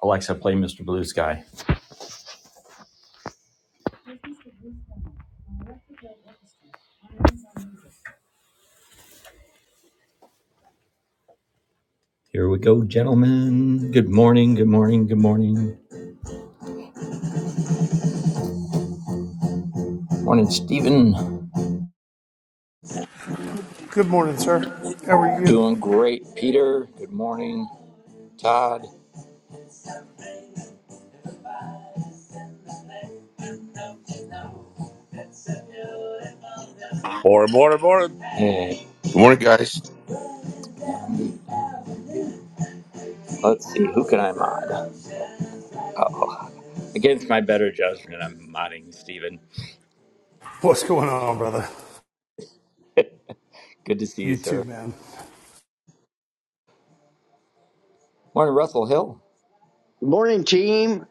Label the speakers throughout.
Speaker 1: Alexa, play Mr. Blue Sky. Here we go, gentlemen. Good morning, good morning, good morning. Morning, Stephen.
Speaker 2: Good morning, sir. How are you?
Speaker 1: Doing great, Peter. Good morning, Todd.
Speaker 3: More and more and more.
Speaker 1: Hey,
Speaker 4: Good morning, guys.
Speaker 1: let's see, who can I mod? Oh, against my better judgment, I'm modding Stephen.
Speaker 2: What's going on, brother?
Speaker 1: Good to see you,
Speaker 2: You too,
Speaker 1: sir.
Speaker 2: man.
Speaker 1: Morning, Russell Hill.
Speaker 5: Good morning, team.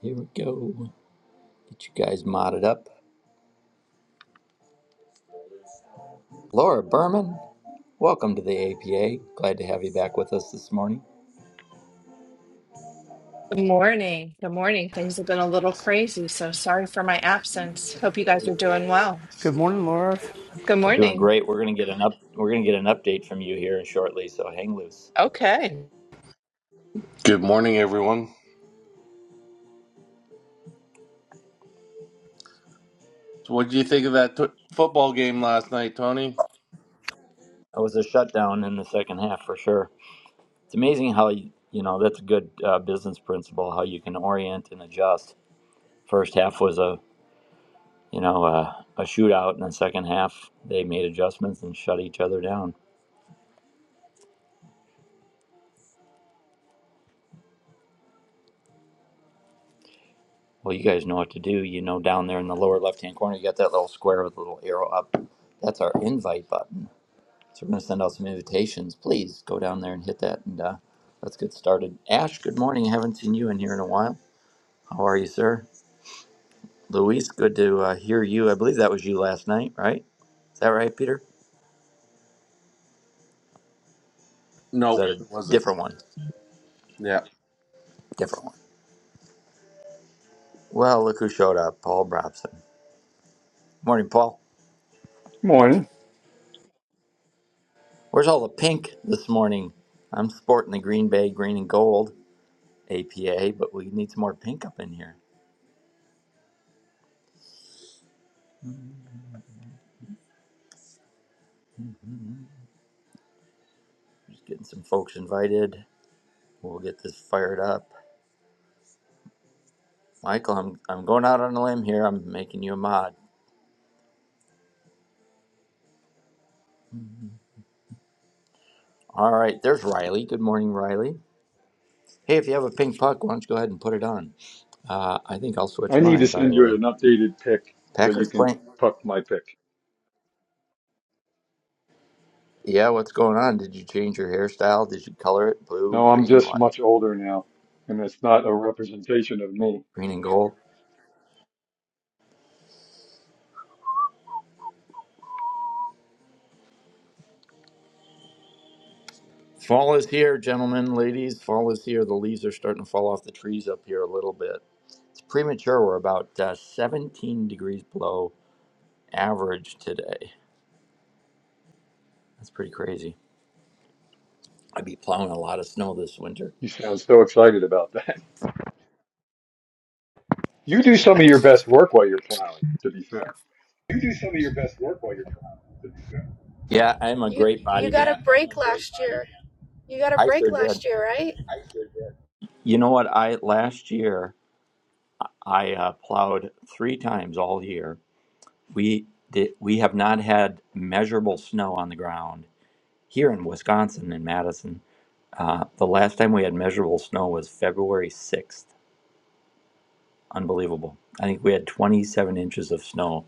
Speaker 1: Here we go. Get you guys modded up. Laura Berman, welcome to the APA. Glad to have you back with us this morning.
Speaker 6: Good morning. Good morning. Things have been a little crazy, so sorry for my absence. Hope you guys are doing well.
Speaker 2: Good morning, Laura.
Speaker 6: Good
Speaker 1: We're doing
Speaker 6: morning.
Speaker 1: great. We're gonna get an up. We're gonna get an update from you here shortly. So hang loose.
Speaker 6: Okay.
Speaker 7: Good morning, everyone. So what did you think of that t- football game last night, Tony?
Speaker 1: That was a shutdown in the second half for sure. It's amazing how you, you know that's a good uh, business principle how you can orient and adjust. First half was a you know a, a shootout, and the second half they made adjustments and shut each other down. Well, you guys know what to do. You know down there in the lower left hand corner, you got that little square with a little arrow up. That's our invite button. So we got some invitations, please. There and hit uh, let's get started. Ash, good morning. Haven't seen you in here in a while. Luis, good to uh, hear you. I believe that was you last night, right? Is that right, Peter? Or is
Speaker 7: No,
Speaker 1: that a
Speaker 7: it wasn't.
Speaker 1: different one?
Speaker 7: Yeah.
Speaker 1: Different one. Well, look who showed up, Paul Brobson. Morning, Paul.
Speaker 8: Morning.
Speaker 1: Where's all the pink this morning? I'm sporting the Green Bay green and gold APA, but we need some more pink up in here. Just getting some folks invited. We'll get this fired up. Michael, I'm, I'm going out on a limb here. I'm making you a mod. All right, there's Riley. Good morning, Riley. Hey, if you have a pink puck, why don't you go ahead and put it on? Uh, I think I'll switch
Speaker 8: I need to
Speaker 1: mine, by
Speaker 8: send
Speaker 1: the way.
Speaker 8: you an updated pic so you
Speaker 1: Packers
Speaker 8: can
Speaker 1: playing.
Speaker 8: puck my pic.
Speaker 1: Yeah, what's going on? Did you change your hairstyle? Did you color it blue,
Speaker 8: No, I'm
Speaker 1: green,
Speaker 8: just
Speaker 1: what?
Speaker 8: much older now, and it's not a representation of me.
Speaker 1: Green and gold. Fall is here, gentlemen, ladies. Fall is here. The leaves are starting to fall off the trees up here a little bit. It's premature. We're about uh, 17 degrees below average today. That's pretty crazy. I'd be plowing a lot of snow this winter.
Speaker 8: You sound so excited about that. You do
Speaker 1: Yeah,
Speaker 8: some of your best work while you're plowing, to be fair.
Speaker 1: yeah I'm a
Speaker 9: You
Speaker 1: great
Speaker 9: you
Speaker 1: body man.
Speaker 9: got you got a
Speaker 1: I
Speaker 9: break
Speaker 1: sure did.
Speaker 9: last year, right?
Speaker 1: You know what? I last year I uh, plowed three times all year We did, we have not had measurable snow on the ground here in Wisconsin in Madison. Uh, the last time we had measurable snow was February 6th. Unbelievable. I think we had 27 inches of snow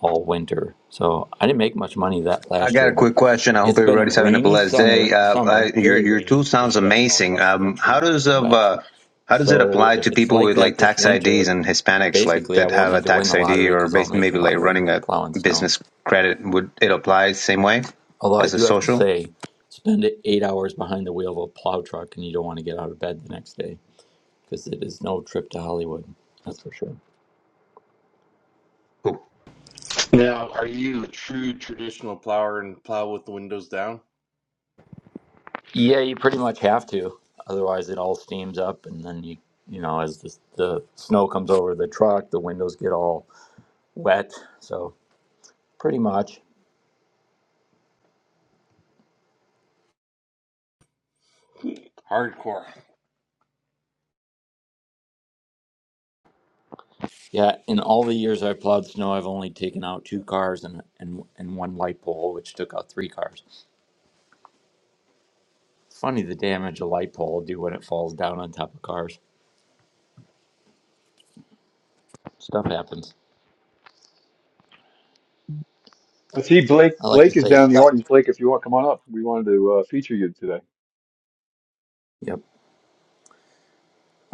Speaker 1: all winter. So I didn't make much money that
Speaker 10: I
Speaker 1: last
Speaker 10: got
Speaker 1: year,
Speaker 10: a
Speaker 1: but
Speaker 10: quick question. I hope
Speaker 1: it's been a
Speaker 10: everybody's having a
Speaker 1: rainy
Speaker 10: blessed day.
Speaker 1: summer,
Speaker 10: Uh, I,
Speaker 1: summer,
Speaker 10: your
Speaker 1: very
Speaker 10: your tool
Speaker 1: rainy, as
Speaker 10: sounds
Speaker 1: you guys know,
Speaker 10: amazing.
Speaker 1: across the
Speaker 10: Um,
Speaker 1: country,
Speaker 10: how does of
Speaker 1: wet.
Speaker 10: uh, how does it
Speaker 1: So
Speaker 10: apply
Speaker 1: if
Speaker 10: to
Speaker 1: it's
Speaker 10: people
Speaker 1: like
Speaker 10: with
Speaker 1: that
Speaker 10: like
Speaker 1: this
Speaker 10: tax IDs
Speaker 1: winter,
Speaker 10: and Hispanics like
Speaker 1: basically I
Speaker 10: that
Speaker 1: won't
Speaker 10: have a
Speaker 1: need to win
Speaker 10: tax
Speaker 1: the
Speaker 10: ID
Speaker 1: lottery
Speaker 10: or
Speaker 1: because I'll
Speaker 10: bas
Speaker 1: make the
Speaker 10: maybe like
Speaker 1: lottery
Speaker 10: running a
Speaker 1: plowing snow.
Speaker 10: business credit? Would it apply the same way
Speaker 1: Although I
Speaker 10: as a
Speaker 1: do have to
Speaker 10: social?
Speaker 1: say, spend eight hours behind the wheel of a plow truck and you don't want to get out of bed the next day because it is no trip to Hollywood. That's for sure.
Speaker 10: Cool.
Speaker 7: Now, are you a true traditional plower and plow with the windows down?
Speaker 1: Yeah, you pretty much have to. Otherwise, it all steams up, and then you, you know, as the, the snow comes over the truck, the windows get all wet. So, pretty much.
Speaker 7: Hardcore.
Speaker 1: Yeah, in all the years I've plowed snow, I've only taken out two cars and, and, and one light pole, which took out three cars. Funny the damage a light pole will do when it falls down on top of cars. Stuff happens.
Speaker 8: I see Blake.
Speaker 1: I like to
Speaker 8: Blake is
Speaker 1: say
Speaker 8: down in the
Speaker 1: stuff.
Speaker 8: audience. Blake, if you want, come on up. We wanted to uh, feature you today.
Speaker 1: Yep.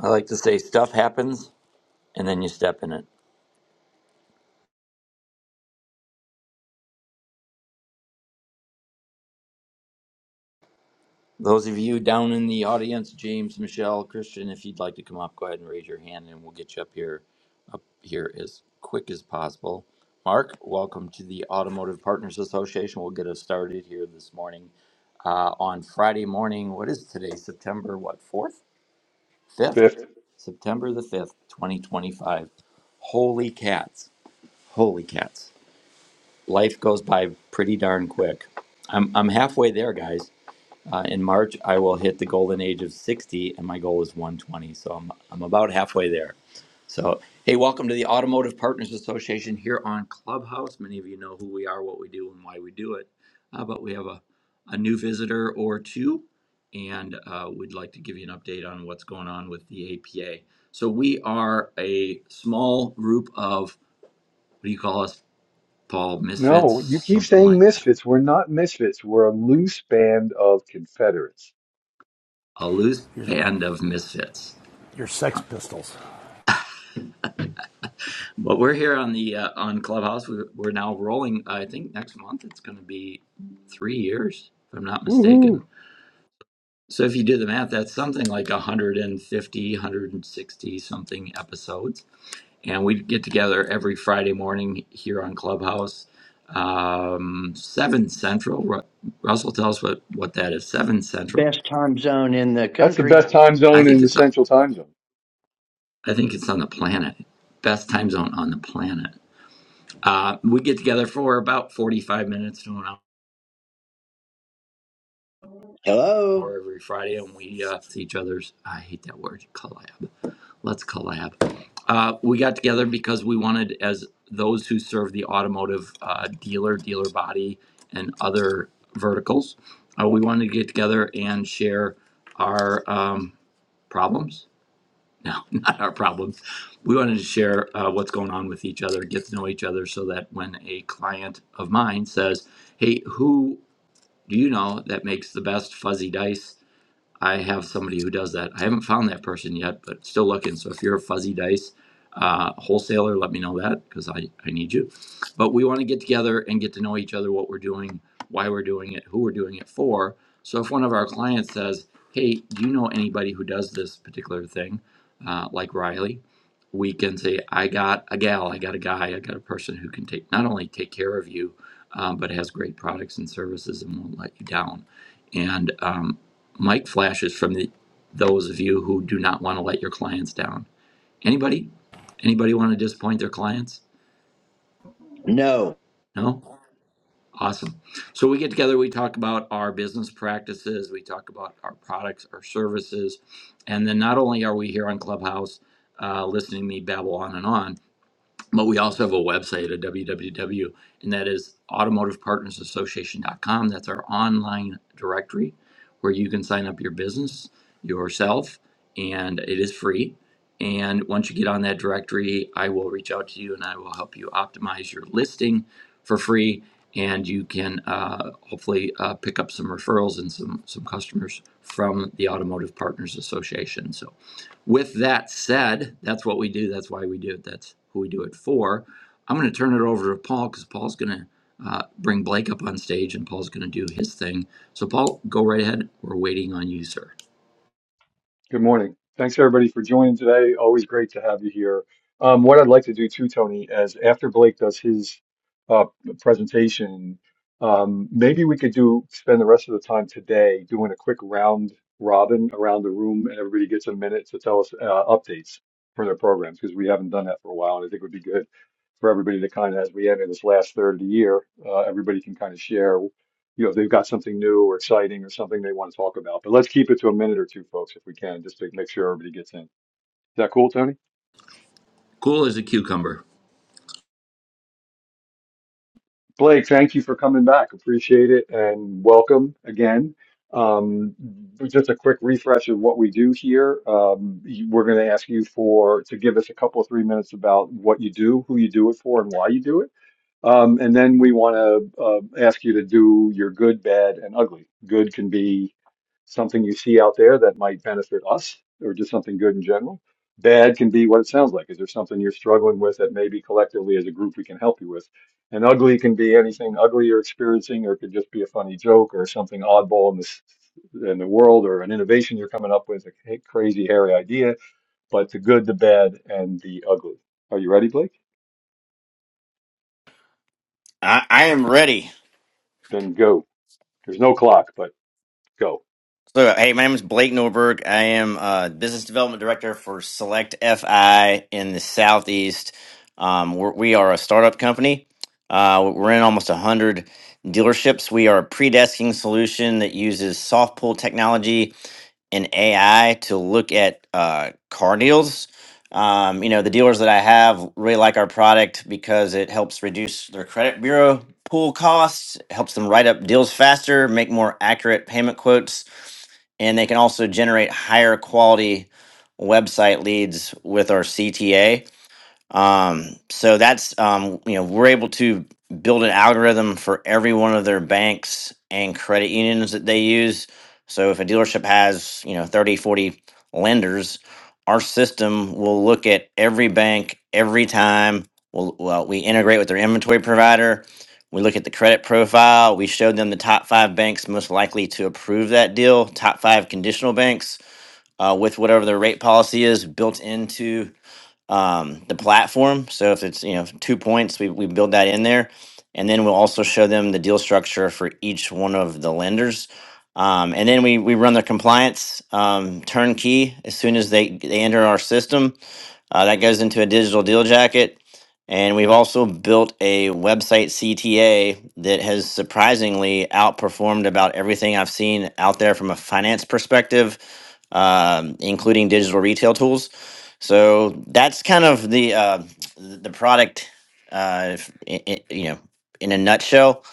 Speaker 1: I like to say stuff happens and then you step in it. Those of you down in the audience, James, Michelle, Christian, if you'd like to come up, go ahead and raise your hand and we'll get you up here up here as quick as possible. Mark, welcome to the Automotive Partners Association. We'll get us started here this morning. Uh, on Friday morning, what is today? September what, fourth? Fifth?
Speaker 8: Fifth.
Speaker 1: September the fifth, twenty twenty five. Holy cats. Holy cats. life goes by pretty darn quick. I'm I'm halfway there, guys. Uh, in March, I will hit the golden age of 60, and my goal is 120. So I'm I'm about halfway there. So hey, welcome to the Automotive Partners Association here on Clubhouse. Many of you know who we are, what we do, and why we do it. Uh, but we have a a new visitor or two, and uh, we'd like to give you an update on what's going on with the APA. So we are a small group of what do you call us, Paul? Misfits,
Speaker 8: No, you keep
Speaker 1: something
Speaker 8: saying
Speaker 1: like
Speaker 8: misfits. We're not misfits. We're a loose band of Confederates.
Speaker 1: a loose
Speaker 2: Your,
Speaker 1: band of misfits.
Speaker 2: your Sex Pistols.
Speaker 1: But we're here on the uh, on Clubhouse. We're, we're now rolling. I think next month it's going to be three years, if I'm not mistaken.
Speaker 8: Woohoo!
Speaker 1: So if you do the math, that's something like 150, 160 something episodes, and we get together every Friday morning here on Clubhouse, um, seven Central. Ru- Russell, tell us what what that is. Seven Central.
Speaker 5: Best time zone in the
Speaker 8: That's the
Speaker 5: country.
Speaker 8: best time
Speaker 1: I
Speaker 8: zone in
Speaker 1: think
Speaker 8: the
Speaker 1: it's
Speaker 8: Central Time Zone.
Speaker 1: I think it's on the planet. Best time zone on the planet. Uh, we get together for about 45 minutes to an
Speaker 5: Hello.
Speaker 1: hour every Friday, and we uh, see each other's. I hate that word, collab. Let's collab. Uh, we got together because we wanted, as those who serve the automotive uh, dealer, dealer body, and other verticals, uh, we wanted to get together and share our um, problems. No, not our problems. We wanted to share uh, what's going on with each other, get to know each other, so that when a client of mine says, hey, who you know that makes the best fuzzy dice I have somebody who does that. I haven't found that person yet, but still looking. So if you're a fuzzy dice uh, wholesaler, let me know that because I, I need you. But we want to get together and get to know each other, what we're doing, why we're doing it, who we're doing it for. So if one of our clients says, hey, do you know anybody who does this particular thing, uh, like Riley? We can say, I got a gal, I got a guy, I got a person who can take not only take care of you, um, but has great products and services and won't let you down. And um, Mike flashes from the those of you who do not want to let your clients down. Anybody? Anybody want to disappoint their clients?
Speaker 5: No,
Speaker 1: No? Awesome. So we get together, we talk about our business practices, we talk about our products, our services, and then not only are we here on Clubhouse uh, listening to me babble on and on, but we also have a website at www and that is automotivepartnersassociation.com that's our online directory where you can sign up your business yourself and it is free and once you get on that directory i will reach out to you and i will help you optimize your listing for free and you can uh, hopefully uh, pick up some referrals and some some customers from the automotive partners association so with that said, that's what we do. That's why we do it. That's who we do it for. I'm going to turn it over to Paul because Paul's going to uh, bring Blake up on stage and Paul's going to do his thing. So, Paul, go right ahead. We're waiting on you, sir.
Speaker 8: Good morning. Thanks everybody for joining today. Always great to have you here. Um, what I'd like to do too, Tony, is after Blake does his uh, presentation, um, maybe we could do spend the rest of the time today doing a quick round robin around the room, and everybody gets a minute to tell us uh, updates for their programs because we haven't done that for a while, and I think it would be good for everybody to kind of, as we enter this last third of the year, uh, everybody can kind of share you know, if they've got something new or exciting or something they want to talk about. But let's keep it to a minute or two, folks, if we can, just to make sure everybody gets in. Is that cool, Tony?
Speaker 1: Number.
Speaker 8: Blake, thank you for coming back. Appreciate it and welcome again. Um, just a quick refresh of what we do here. Um, you- we're going to ask you for to give us a couple of three minutes about what you do, who you do it for, and why you do it Um, and then we want to uh, ask you to do your good, bad, and ugly. Good can be something you see out there that might benefit us, or just something good in general. Bad can be what it sounds like. Is there something you're struggling with that maybe collectively as a group we can help you with? And ugly can be anything ugly you're experiencing, or it could just be a funny joke or something oddball in this in the world, or an innovation you're coming up with, a crazy hairy idea. But the good, the bad, and the ugly. Are you ready, Blake?
Speaker 11: I, I am ready.
Speaker 8: Then go. There's no clock, but Go.
Speaker 11: So, hey, my name is Blake Norberg. I am uh, business development director for Select FI in the Southeast. Um, we're, we are a startup company. Uh, we're in almost 100 dealerships. We are a pre-desking solution that uses soft pull technology an AI to look at uh, car deals. Um, you know, the dealers that I have really like our product because it helps reduce their credit bureau pool costs, helps them write up deals faster, make more accurate payment quotes, and they can also generate higher quality website leads with our CTA. Um, so that's um, you know we're able to build an algorithm for every one of their banks and credit unions that they use. So if a dealership has you know 30, 40 lenders, our system will look at every bank every time. We'll, well, we integrate with their inventory provider. We look at the credit profile. We show them the top five banks most likely to approve that deal, top five conditional banks uh, with whatever their rate policy is built into um, the platform. So if it's you know two points, we we build that in there, and then we'll also show them the deal structure for each one of the lenders. Um, and then we, we run the compliance um, turnkey as soon as they, they enter our system. Uh, that goes into a digital deal jacket. And we've also built a website CTA that has surprisingly outperformed about everything I've seen out there from a finance perspective, um, including digital retail tools. So that's kind of the uh, the product, uh, if- i i- you know, in a nutshell.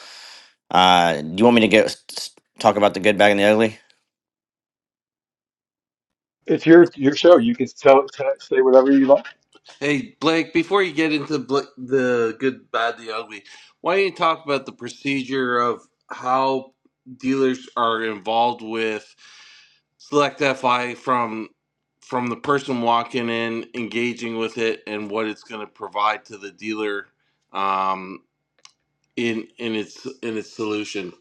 Speaker 11: Uh, do you want me to go s- s- talk about the good, bad, and the ugly?
Speaker 8: It's your your show. You can tell, tell say whatever you like.
Speaker 7: Hey, Blake, before you get into bl- the good, bad, the ugly, why don't you talk about the procedure of how dealers are involved with Select FI from from the person walking in, engaging with it, and what it's going to provide to the dealer um, in in its in its solution?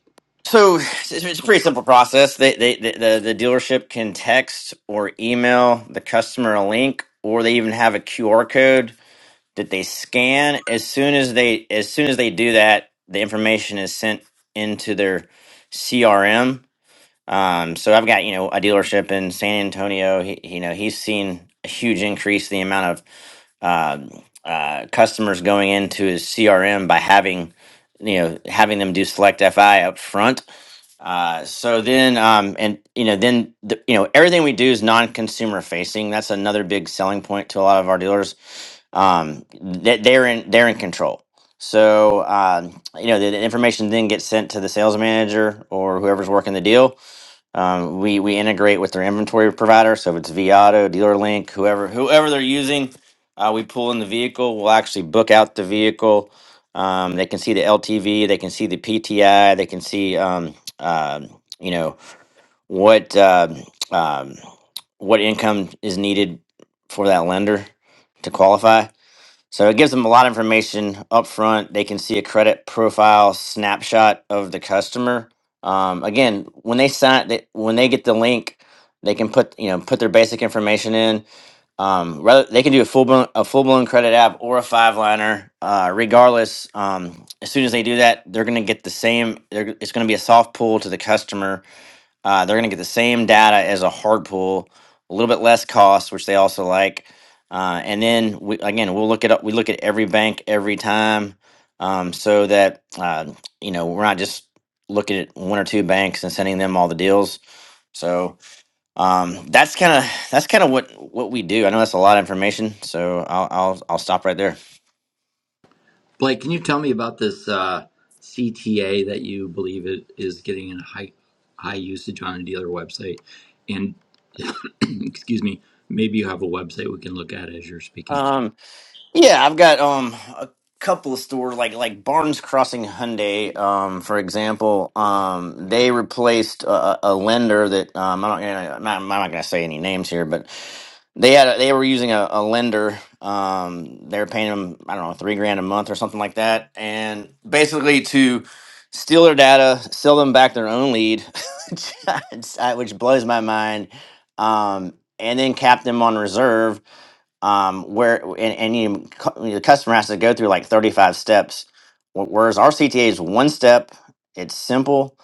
Speaker 11: So it's it's a pretty simple process. They, they, the, the the dealership can text or email the customer a link, or they even have a QR code that they scan. As soon as they as soon as they do that, the information is sent into their CRM. Um, so I've got you know a dealership in San Antonio. He, you know he's seen a huge increase in the amount of um, uh, customers going into his CRM by having you know having them do select fi up front uh, so then um, and you know then the, you know everything we do is non-consumer facing that's another big selling point to a lot of our dealers um, that they're in they're in control so um, you know the, the information then gets sent to the sales manager or whoever's working the deal um, we we integrate with their inventory provider, so if it's Viato, DealerLink, whoever whoever they're using, uh, we pull in the vehicle. We'll actually book out the vehicle. Um, they can see the LTV, they can see the PTI, they can see um, um you know what um um, what income is needed for that lender to qualify. So it gives them a lot of information up front. They can see a credit profile snapshot of the customer. Um, again, when they sign, they, when they get the link, they can put you know put their basic information in. Um, rather, they can do a full blown a full blown credit app or a five liner. Uh, regardless, um, as soon as they do that, they're going to get the same. they're- It's going to be a soft pull to the customer uh, they're going to get the same data as a hard pull, a little bit less cost, which they also like. Uh, and then we, again, we'll look at We look at every bank every time, um, so that uh, you know we're not just looking at one or two banks and sending them all the deals. So um, that's kind of that's kind of what what we do. I know that's a lot of information, so I'll I'll, I'll stop right there.
Speaker 1: Blake, can you tell me about this uh, CTA that you believe it is getting in high high usage on a dealer website? And excuse me, maybe you have a website we can look at as you're speaking.
Speaker 11: Um, Yeah, I've got um a couple of stores like like Barnes Crossing Hyundai, um, for example. Um, they replaced a, a a lender that um I'm not gonna I'm not, I'm not gonna say any names here, but they had a, they were using a, a lender. Um, they were paying them I don't know three grand a month or something like that, and basically to steal their data, sell them back their own lead, which which blows my mind. Um, and then cap them on reserve um, where and, and you, cu- the customer has to go through like 35 steps wh- whereas our cta is one step it's simple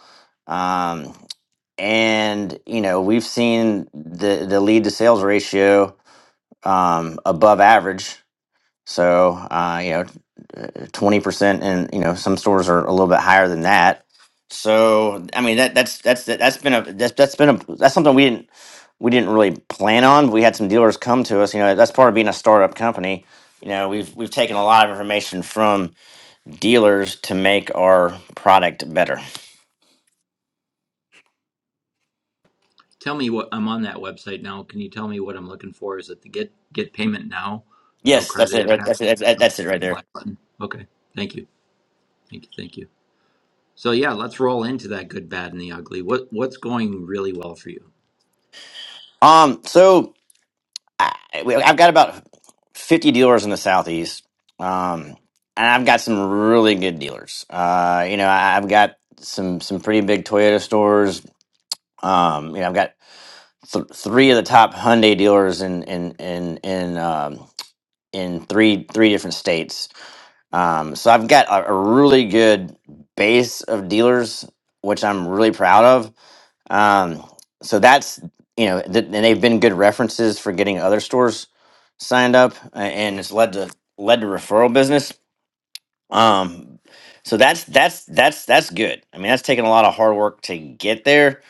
Speaker 11: um, and you know we've seen the the lead to sales ratio um, above average so, uh, you know, uh, twenty percent, and you know, some stores are a little bit higher than that. So, I mean, that that's that's that's been a that's that's been a that's something we didn't we didn't really plan on. We had some dealers come to us. You know, that's part of being a startup company. You know, we've we've taken a lot of information from dealers to make our product better.
Speaker 1: Tell me what I'm on that website now. Can you tell me what I'm looking for? Is it the get get payment now? No
Speaker 11: Yes, that's
Speaker 1: credit
Speaker 11: it. right- That's
Speaker 1: impact.
Speaker 11: it. That's, that's it right there.
Speaker 1: Black button. Okay. Thank you. Thank you. Thank you. So yeah, let's roll into that good, bad, and the ugly. What what's going really well for you?
Speaker 11: Um, so I, I've got about 50 dealers in the Southeast, um, and I've got some really good dealers. Uh, you know, I, I've got some some pretty big Toyota stores. Um, you know, I've got th- three of the top Hyundai dealers in in in in um, in three three different states. Um, so I've got a, a really good base of dealers, which I'm really proud of um, so that's you know, th- and they've been good references for getting other stores signed up, a- and it's led to led to referral business. Um, so that's that's that's that's good. I mean, that's taken a lot of hard work to get there.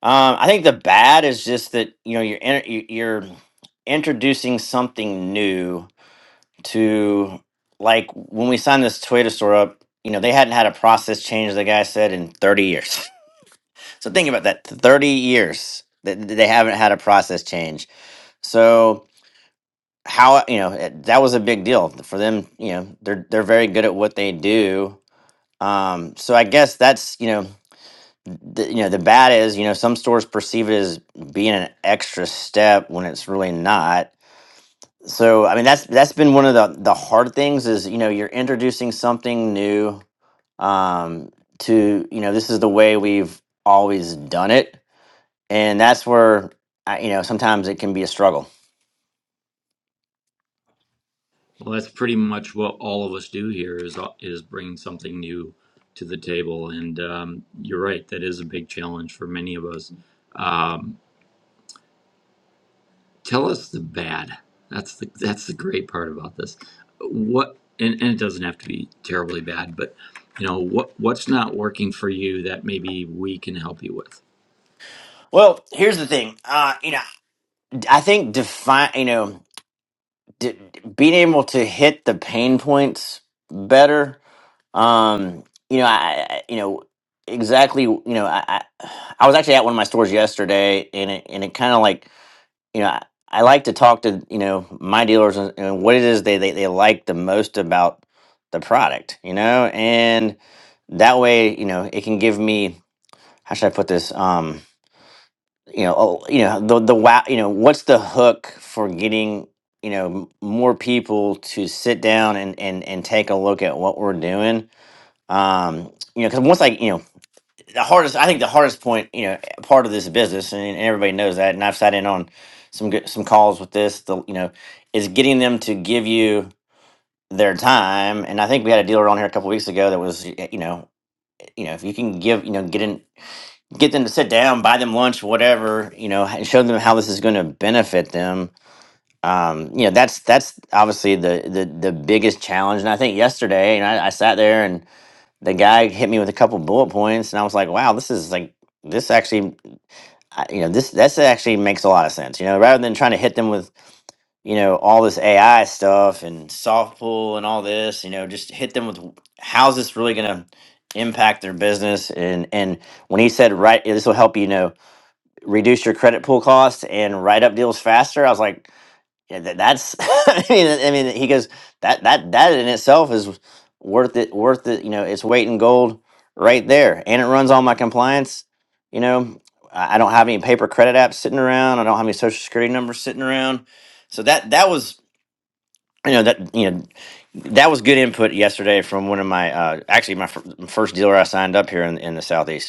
Speaker 11: Um, I think the bad is just that you know you're in, you- you're introducing something new to like when we signed this Toyota store up. You know, they hadn't had a process change. The guy said in thirty years. So think about that. Thirty years that that they haven't had a process change. So how you know it- that was a big deal for them. You know they're they're very good at what they do. Um, so I guess that's you know the, you know the bad is you know some stores perceive it as being an extra step when it's really not. So I mean that's that's been one of the the hard things is you know you're introducing something new um, to you know this is the way we've always done it and that's where I, you know sometimes it can be a struggle.
Speaker 1: Well, that's pretty much what all of us do here is is bring something new to the table, and um, you're right. That is a big challenge for many of us. Um, tell us the bad. That's the that's the great part about this. What and, and it doesn't have to be terribly bad, but you know what what's not working for you that maybe we can help you with.
Speaker 11: Well, here's the thing. Uh, you know, I think define you know d- being able to hit the pain points better. Um, you know, I, I you know exactly. You know, I, I I was actually at one of my stores yesterday, and it and it kind of like you know. I, I like to talk to you know my dealers and, and what it is they, they, they like the most about the product, you know, and that way you know it can give me how should I put this? Um, you know, oh, you know the the wow. You know, what's the hook for getting you know m- more people to sit down and and and take a look at what we're doing? Um, you know, because once I you know the hardest, I think the hardest point, you know, part of this business, and, and everybody knows that, and I've sat in on some good, some calls with this. The you know is getting them to give you their time, and I think we had a dealer on here a couple weeks ago that was y- you know you know if you can give you know get in get them to sit down, buy them lunch, whatever, you know, and show them how this is going to benefit them. Um, you know, that's that's obviously the, the the biggest challenge. And I think yesterday, you know, I, I sat there and the guy hit me with a couple bullet points, and I was like, wow, this is like this actually, I- you know, this this actually makes a lot of sense. You know, rather than trying to hit them with you know all this AI stuff and soft pull and all this, you know, just hit them with how's this really going to impact their business and and when he said right this will help you know reduce your credit pool costs and write up deals faster. I was like, yeah, that, that's. I mean, I mean, he goes that that that in itself is worth it. Worth it. You know, it's weight in gold right there, and it runs all my compliance. You know, I I don't have any paper credit apps sitting around. I don't have any social security numbers sitting around. So that that was you know that you know that was good input yesterday from one of my uh, actually my fir- first dealer I signed up here in, in the southeast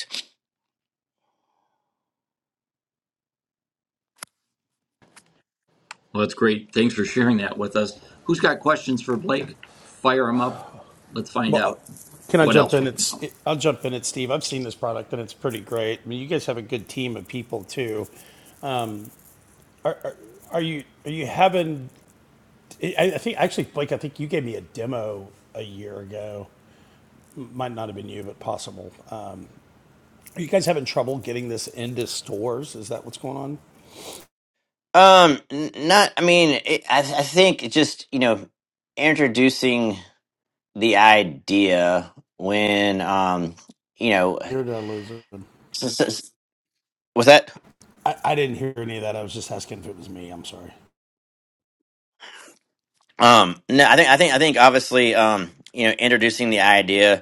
Speaker 1: Well, that's great. Thanks for sharing that with us. Who's got questions for Blake? Fire them up. Let's find
Speaker 2: Well, uh,
Speaker 1: out
Speaker 2: Can I
Speaker 1: what
Speaker 2: jump
Speaker 1: else
Speaker 2: in?
Speaker 1: we can
Speaker 2: It's
Speaker 1: help.
Speaker 2: it, I'll jump in. at Steve. I've seen this product and it's pretty great. I mean, you guys have a good team of people too. Are you are you having? I, I think actually, Blake. I think you gave me a demo a year ago. Might not have been you, but possible. Are you guys having trouble getting this into stores? Is that what's going on?
Speaker 11: Um, n- not. I mean, it, I I think it just you know introducing the idea when um you know
Speaker 2: Here did I lose it?
Speaker 11: s- s- was that
Speaker 2: I, I didn't hear any of that. I was just asking if it was me. I'm sorry.
Speaker 11: um no I think I think I think obviously um you know introducing the idea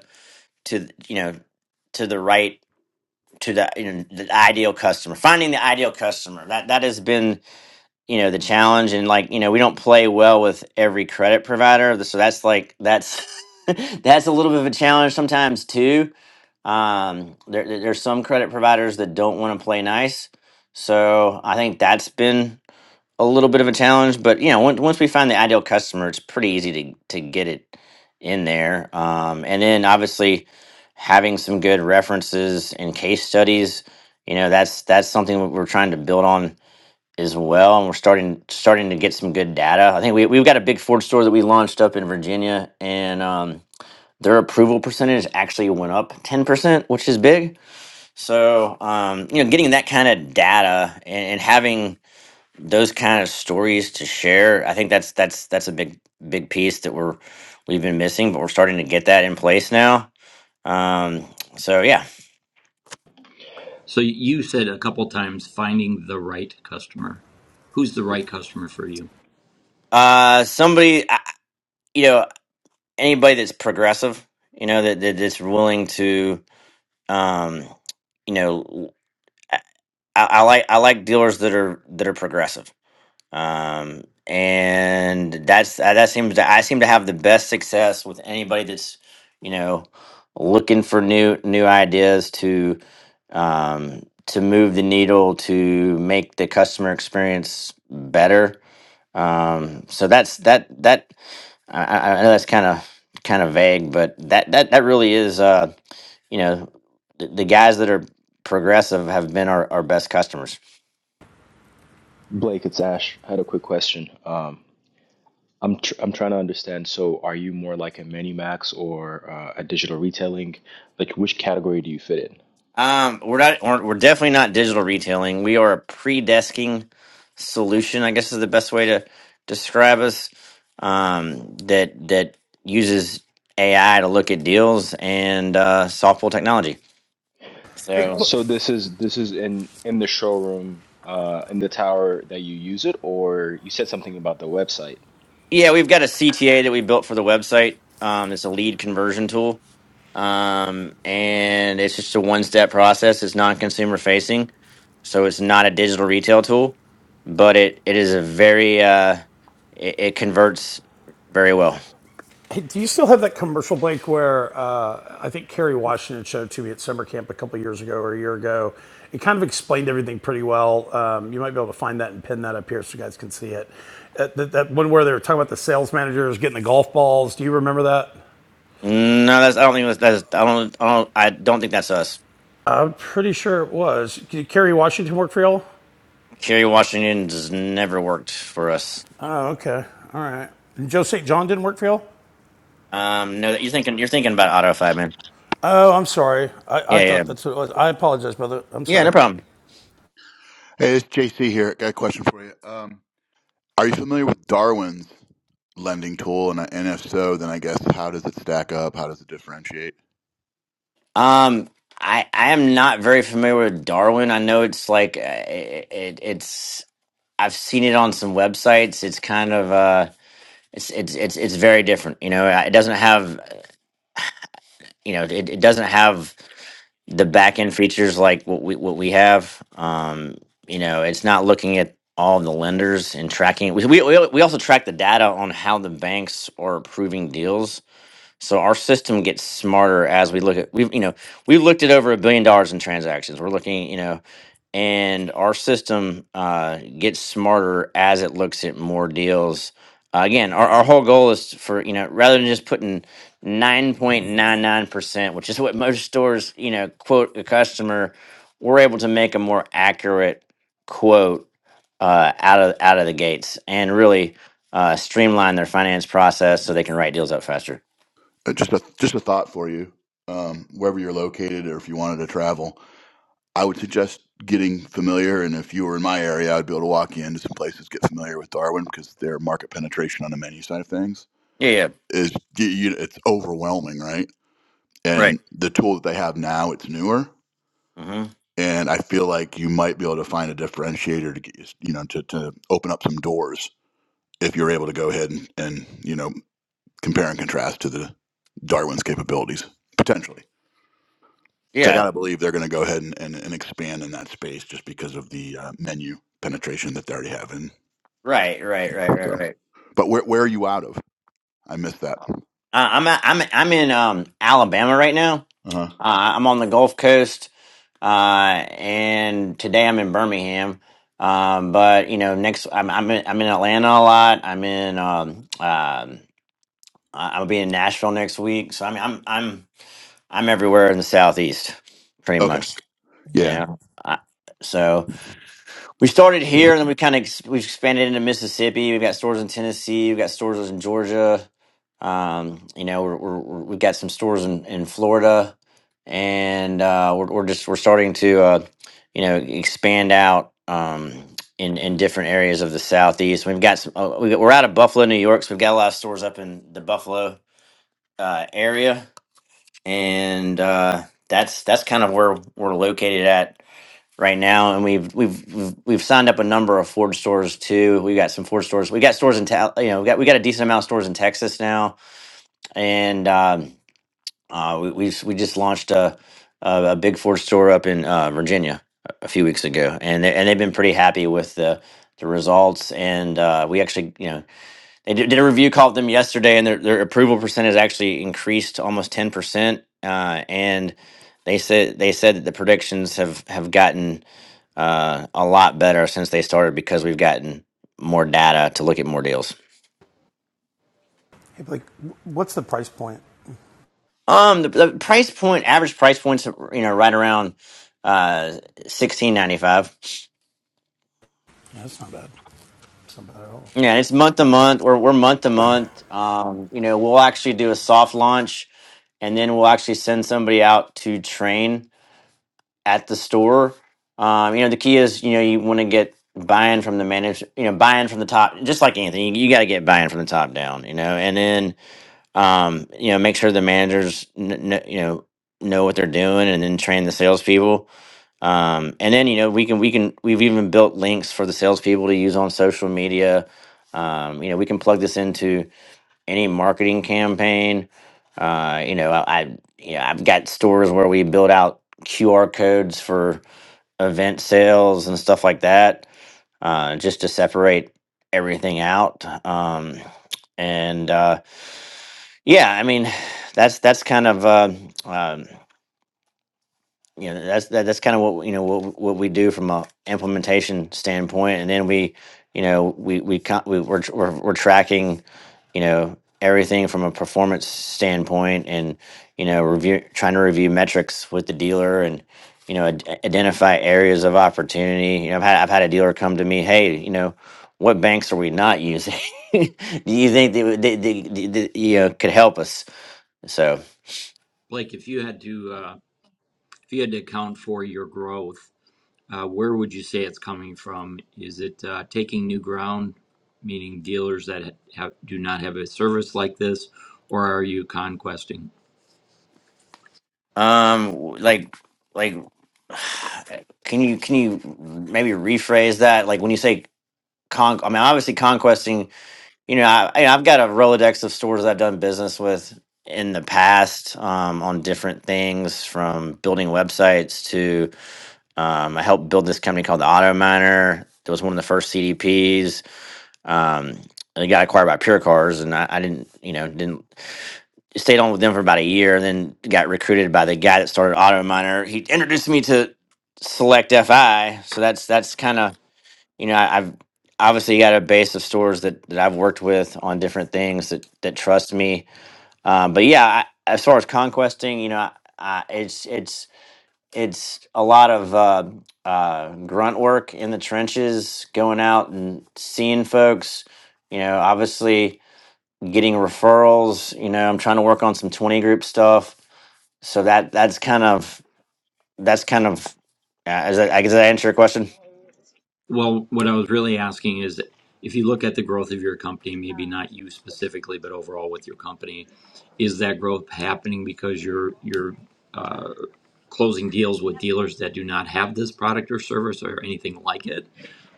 Speaker 11: to you know to the right to the you know the ideal customer finding the ideal customer that that has been you know the challenge and like you know we don't play well with every credit provider so that's like that's that's a little bit of a challenge sometimes too um there, there- there's some credit providers that don't want to play nice so i think that's been a little bit of a challenge but you know once, once we find the ideal customer it's pretty easy to to get it in there um and then obviously having some good references and case studies you know that's that's something we're trying to build on as well, and we're starting starting to get some good data. I think we we've got a big Ford store that we launched up in Virginia, and um, their approval percentage actually went up ten percent, which is big. So um, you know, getting that kind of data and, and having those kind of stories to share, I think that's that's that's a big big piece that we're we've been missing, but we're starting to get that in place now. Um, so yeah,
Speaker 1: So you said a couple times finding the right customer. Who's the right customer for you,
Speaker 11: uh, somebody I- you know anybody that's progressive, you know that, that that's willing to um, you know, I, I like I like dealers that are that are progressive, um, and that's uh, that seems to I seem to have the best success with anybody that's you know looking for new new ideas to um, to move the needle to make the customer experience better. Um, so that's that that I, I I know that's kind of kind of vague, but that that that really is. Uh, you know the, the guys that are progressive have been our, our best customers
Speaker 12: Blake, it's Ash. I had a quick question. Um, I'm tr I'm trying to understand. So, are you more like a Minimax or uh, a digital retailing? Like, which category do you fit in?
Speaker 11: um we're not we're, we're definitely not digital retailing we are a pre-desking solution i guess is the best way to describe us um that that uses ai to look at deals and uh software technology
Speaker 2: Hey,
Speaker 11: so
Speaker 2: look,
Speaker 12: So this is this is in in the showroom, uh, in the tower that you use it, or you said something about the website.
Speaker 11: yeah we've got a cta that we built for the website um it's a lead conversion tool um, and it's just a one-step process. It's non-consumer facing, so it's not a digital retail tool, but it it is a very uh, it, it converts very well.
Speaker 2: hey, do you still have that commercial, Blake, where uh, I think Kerry Washington showed it to me at summer camp a couple years ago or a year ago? It kind of explained everything pretty well. Um, you might be able to find that and pin that up here so you guys can see it. Uh, that, that one where they were talking about the sales managers getting the golf balls. Do you remember that?
Speaker 11: No, that's I don't think that's, that's I don't I don't I don't think that's us.
Speaker 2: I'm pretty sure it was. Did Kerry Washington work for y'all?
Speaker 11: Kerry Washington has never worked for us.
Speaker 2: Oh, okay. All right. And Joe St. John didn't work for y'all?
Speaker 11: Um, no, you're thinking you're thinking about AutoFi, man.
Speaker 2: Oh, I'm sorry. I, I
Speaker 11: Yeah, yeah,
Speaker 2: thought that's what it was. I apologize, brother. I'm
Speaker 11: yeah. No
Speaker 2: sorry.
Speaker 11: problem.
Speaker 13: Hey, it's JC here. Got a question for you. Um, are you familiar with Darwin's lending tool? And, and if so, then I guess how does it stack up? How does it differentiate?
Speaker 11: Um, I I am not very familiar with Darwin. I know it's like uh, it, it it's. I've seen it on some websites. It's kind of uh, it's it's it's it's very different. You know, it doesn't have you know it, it doesn't have the back end features like what we what we have. Um, you know, it's not looking at all the lenders and tracking. We we we we also track the data on how the banks are approving deals. So our system gets smarter as we look at we've you know we've looked at over a billion dollars in transactions. We're looking you know, and our system uh, gets smarter as it looks at more deals. Uh, again, our, our whole goal is for you know rather than just putting nine point nine nine percent, which is what most stores you know quote a customer, we're able to make a more accurate quote uh, out of out of the gates and really uh, streamline their finance process so they can write deals up faster.
Speaker 13: Uh, Just a just a thought for you. Um, wherever you're located, or if you wanted to travel, I would suggest getting familiar. And if you were in my area, I'd be able to walk you into some places, get familiar with Darwin because their market penetration on the menu side of things
Speaker 11: Yeah, yeah,
Speaker 13: is you, you- it's overwhelming, right?
Speaker 11: right.
Speaker 13: And the tool that they have now, it's newer,
Speaker 11: hmm
Speaker 13: and I feel like you might be able to find a differentiator to get you, you know to, to open up some doors if you're able to go ahead and, and you know compare and contrast to the Darwin's capabilities potentially. Which I
Speaker 11: Yeah,
Speaker 13: gotta believe they're going to go ahead and, and, and expand in that space just because of the uh, menu penetration that they already have. And
Speaker 11: right, right,
Speaker 13: you
Speaker 11: right,
Speaker 13: know,
Speaker 11: right,
Speaker 13: so,
Speaker 11: right.
Speaker 13: but where where are you out of? I missed that.
Speaker 11: Uh, I'm a- I'm I'm in um Alabama right now.
Speaker 13: Uh huh.
Speaker 11: Uh, I'm on the Gulf Coast, uh, and today I'm in Birmingham. Um, but you know, next I'm I'm in, I'm in Atlanta a lot. I'm in um um I- I'll be in Nashville next week. So I mean, I'm I'm I'm everywhere in the Southeast, pretty
Speaker 13: Okay.
Speaker 11: much. You
Speaker 13: Yeah.
Speaker 11: know, I, so. we started here and then we kind of ex- we've expanded into mississippi we've got stores in tennessee we've got stores in georgia um, you know we're, we're, we're- we've got some stores in, in florida and uh, we're, we're just we're starting to uh, you know expand out um, in, in different areas of the southeast we've got some uh, we- we're out of buffalo new york so we've got a lot of stores up in the buffalo uh, area and uh, that's that's kind of where we're located at right now, and we've we've we've, we've signed up a number of Ford stores too. We got some Ford stores. We got stores in Ta- you know we got we got a decent amount of stores in Texas now, and um, uh, we we we just launched a a, a big Ford store up in uh, Virginia a few weeks ago, and they, and they've been pretty happy with the the results. And uh, we actually you know they did, did a review call with them yesterday, and their, their approval percent has actually increased to almost ten percent. Uh, and they said they said that the predictions have have gotten uh, a lot better since they started because we've gotten more data to look at more deals.
Speaker 2: Hey, Blake, what's the price point?
Speaker 11: Um, the, the price point, average price points, you know, right around uh sixteen ninety five.
Speaker 2: That's not bad.
Speaker 11: Yeah, it's month to month. We're we're month to month. Um, you know, we'll actually do a soft launch, and then we'll actually send somebody out to train at the store. Um, you know, the key is, you know, you want to get buy-in from the manager, you know, buy-in from the top, just like anything, you, you got to get buy-in from the top down, you know, and then, um, you know, make sure the managers, kn- kn- you know, know what they're doing and then train the salespeople. Um, and then, you know, we can, we can, we've even built links for the salespeople to use on social media. Um, you know, we can plug this into any marketing campaign. Uh, you know, I, I, you know, I've got stores where we build out QR codes for, event sales and stuff like that, uh, just to separate everything out. Um, and uh, yeah, I mean, that's that's kind of uh, um, you know that's that, that's kind of what you know what what we do from a implementation standpoint and then we you know we we, co- we we're, tr- we're we're tracking you know everything from a performance standpoint and you know review trying to review metrics with the dealer and you know ad- identify areas of opportunity you know I've had I've had a dealer come to me hey you know what banks are we not using do you think that, that, that, that that you know could help us so
Speaker 1: Blake? If you had to uh, if you had to account for your growth Uh, where would you say it's coming from? Is it uh, taking new ground, meaning dealers that have, do not have a service like this, or are you conquesting?
Speaker 11: Um, like, like, can you can you maybe rephrase that? Like when you say con, I mean obviously conquesting. You know, I, I- I've got a rolodex of stores I've done business with in the past um, on different things, from building websites to um, I helped build this company called the Auto Miner. That was one of the first CDPs. Um, and it got acquired by Pure Cars, and I, I didn't, you know, didn't stayed on with them for about a year and then got recruited by the guy that started auto miner he introduced me to select fi so that's that's kind of you know I, i've obviously got a base of stores that, that i've worked with on different things that that trust me um, but yeah I, as far as conquesting you know I, I, it's it's it's a lot of uh, uh, grunt work in the trenches going out and seeing folks you know obviously getting referrals. You know, I'm trying to work on some 20 group stuff. So that that's kind of that's kind of uh, is that, I guess I answer your question.
Speaker 1: Well, what I was really asking is if you look at the growth of your company, maybe not you specifically, but overall with your company, is that growth happening because you're you're uh, closing deals with dealers that do not have this product or service or anything like it?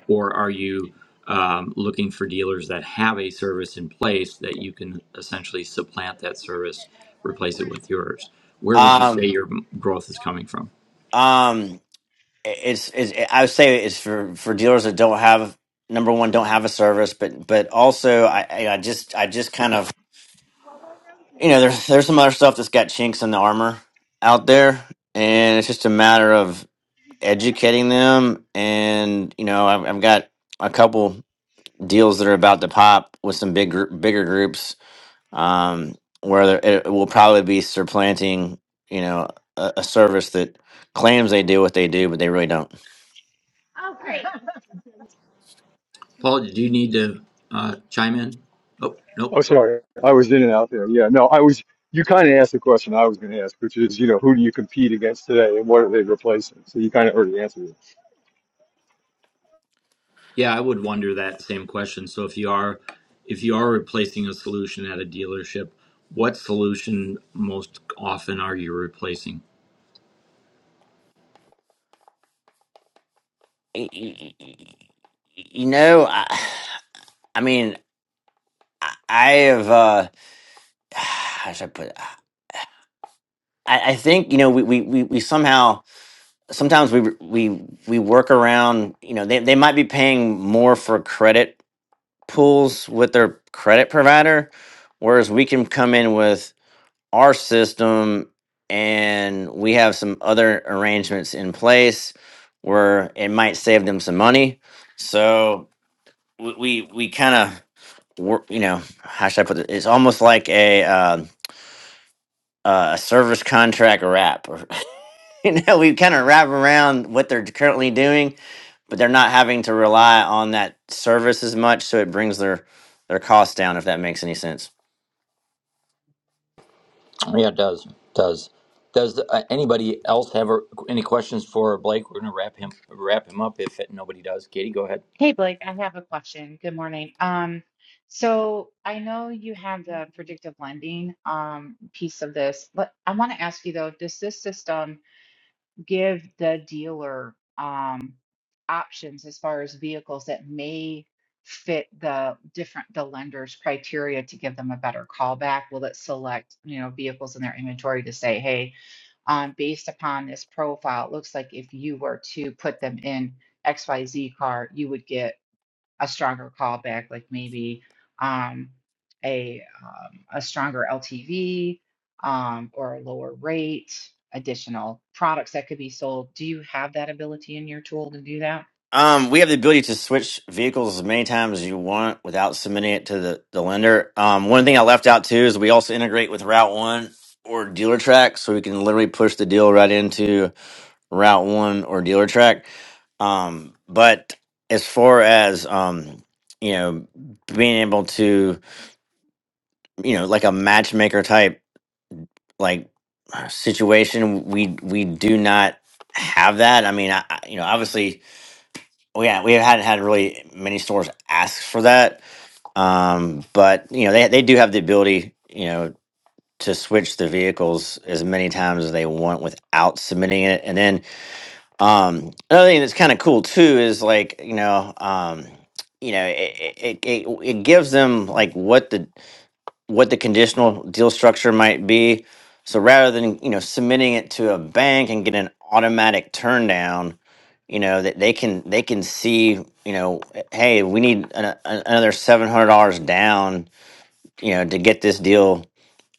Speaker 1: or are you um, looking for dealers that have a service in place that you can essentially supplant that service, replace it with yours? Where would you say
Speaker 11: Um,
Speaker 1: your m- growth is coming from?
Speaker 11: um, it's, it's I would say it's for for dealers that don't have number one don't have a service, but but also I I I just I just kind of you know there's there's some other stuff that's got chinks in the armor out there, and it's just a matter of educating them and you know I've, I've got a couple deals that are about to pop with some big gr- bigger groups um, where there, it will probably be supplanting you know a, a service that claims they do what they do but they really don't
Speaker 1: Paul, did you need to uh, chime in? Oh, nope.
Speaker 8: Oh, sorry. I was in and out there. Yeah. No, I was. You kind of asked the question I was going to ask, which is, you know, who do you compete against today, and what are they replacing? So you kind of already answered it.
Speaker 1: Yeah, I would wonder that same question. So if you are if you are replacing a solution at a dealership, what solution most often are you replacing?
Speaker 11: Y- y- y- you know i, I mean i I have uh how should i put it i, I think you know we, we, we, we somehow sometimes we we we work around you know they, they might be paying more for credit pools with their credit provider whereas we can come in with our system and we have some other arrangements in place where it might save them some money. So we we, we kind of work, you know, how should I put it? It's almost like a uh, uh, a service contract wrap. Or, you know, we kind of wrap around what they're currently doing, but they're not having to rely on that service as much. So it brings their their costs down, if that makes any sense.
Speaker 1: Yeah, it does. Does does uh, anybody else have a, any questions for Blake? We're going to wrap him wrap him up if nobody does. Katie, go ahead.
Speaker 14: Hey Blake, I have a question. Good morning. Um, so I know you have the predictive lending um piece of this, but I want to ask you though, does this system give the dealer um options as far as vehicles that may fit the different the lender's criteria to give them a better callback? Will it select, you know, vehicles in their inventory to say, hey, um, based upon this profile, it looks like if you were to put them in XYZ car, you would get a stronger callback, like maybe um, a um, a stronger LTV um, or a lower rate, additional products that could be sold. Do you have that ability in your tool to do that?
Speaker 11: Um, we have the ability to switch vehicles as many times as you want without submitting it to the, the lender. Um, one thing I left out too is we also integrate with Route One or Dealer Track, so we can literally push the deal right into Route One or Dealer Track. Um, but as far as um, you know, being able to, you know, like a matchmaker type like situation, we we do not have that. I mean, I, I- you know, obviously well, yeah, we have not had really many stores ask for that, um, but you know they they do have the ability, you know, to switch the vehicles as many times as they want without submitting it. And then um, another thing that's kind of cool too is like you know um, you know it, it it it gives them like what the what the conditional deal structure might be. So rather than you know submitting it to a bank and get an automatic turn down, you know that they can they can see you know hey we need an, a- another seven hundred dollars down you know to get this deal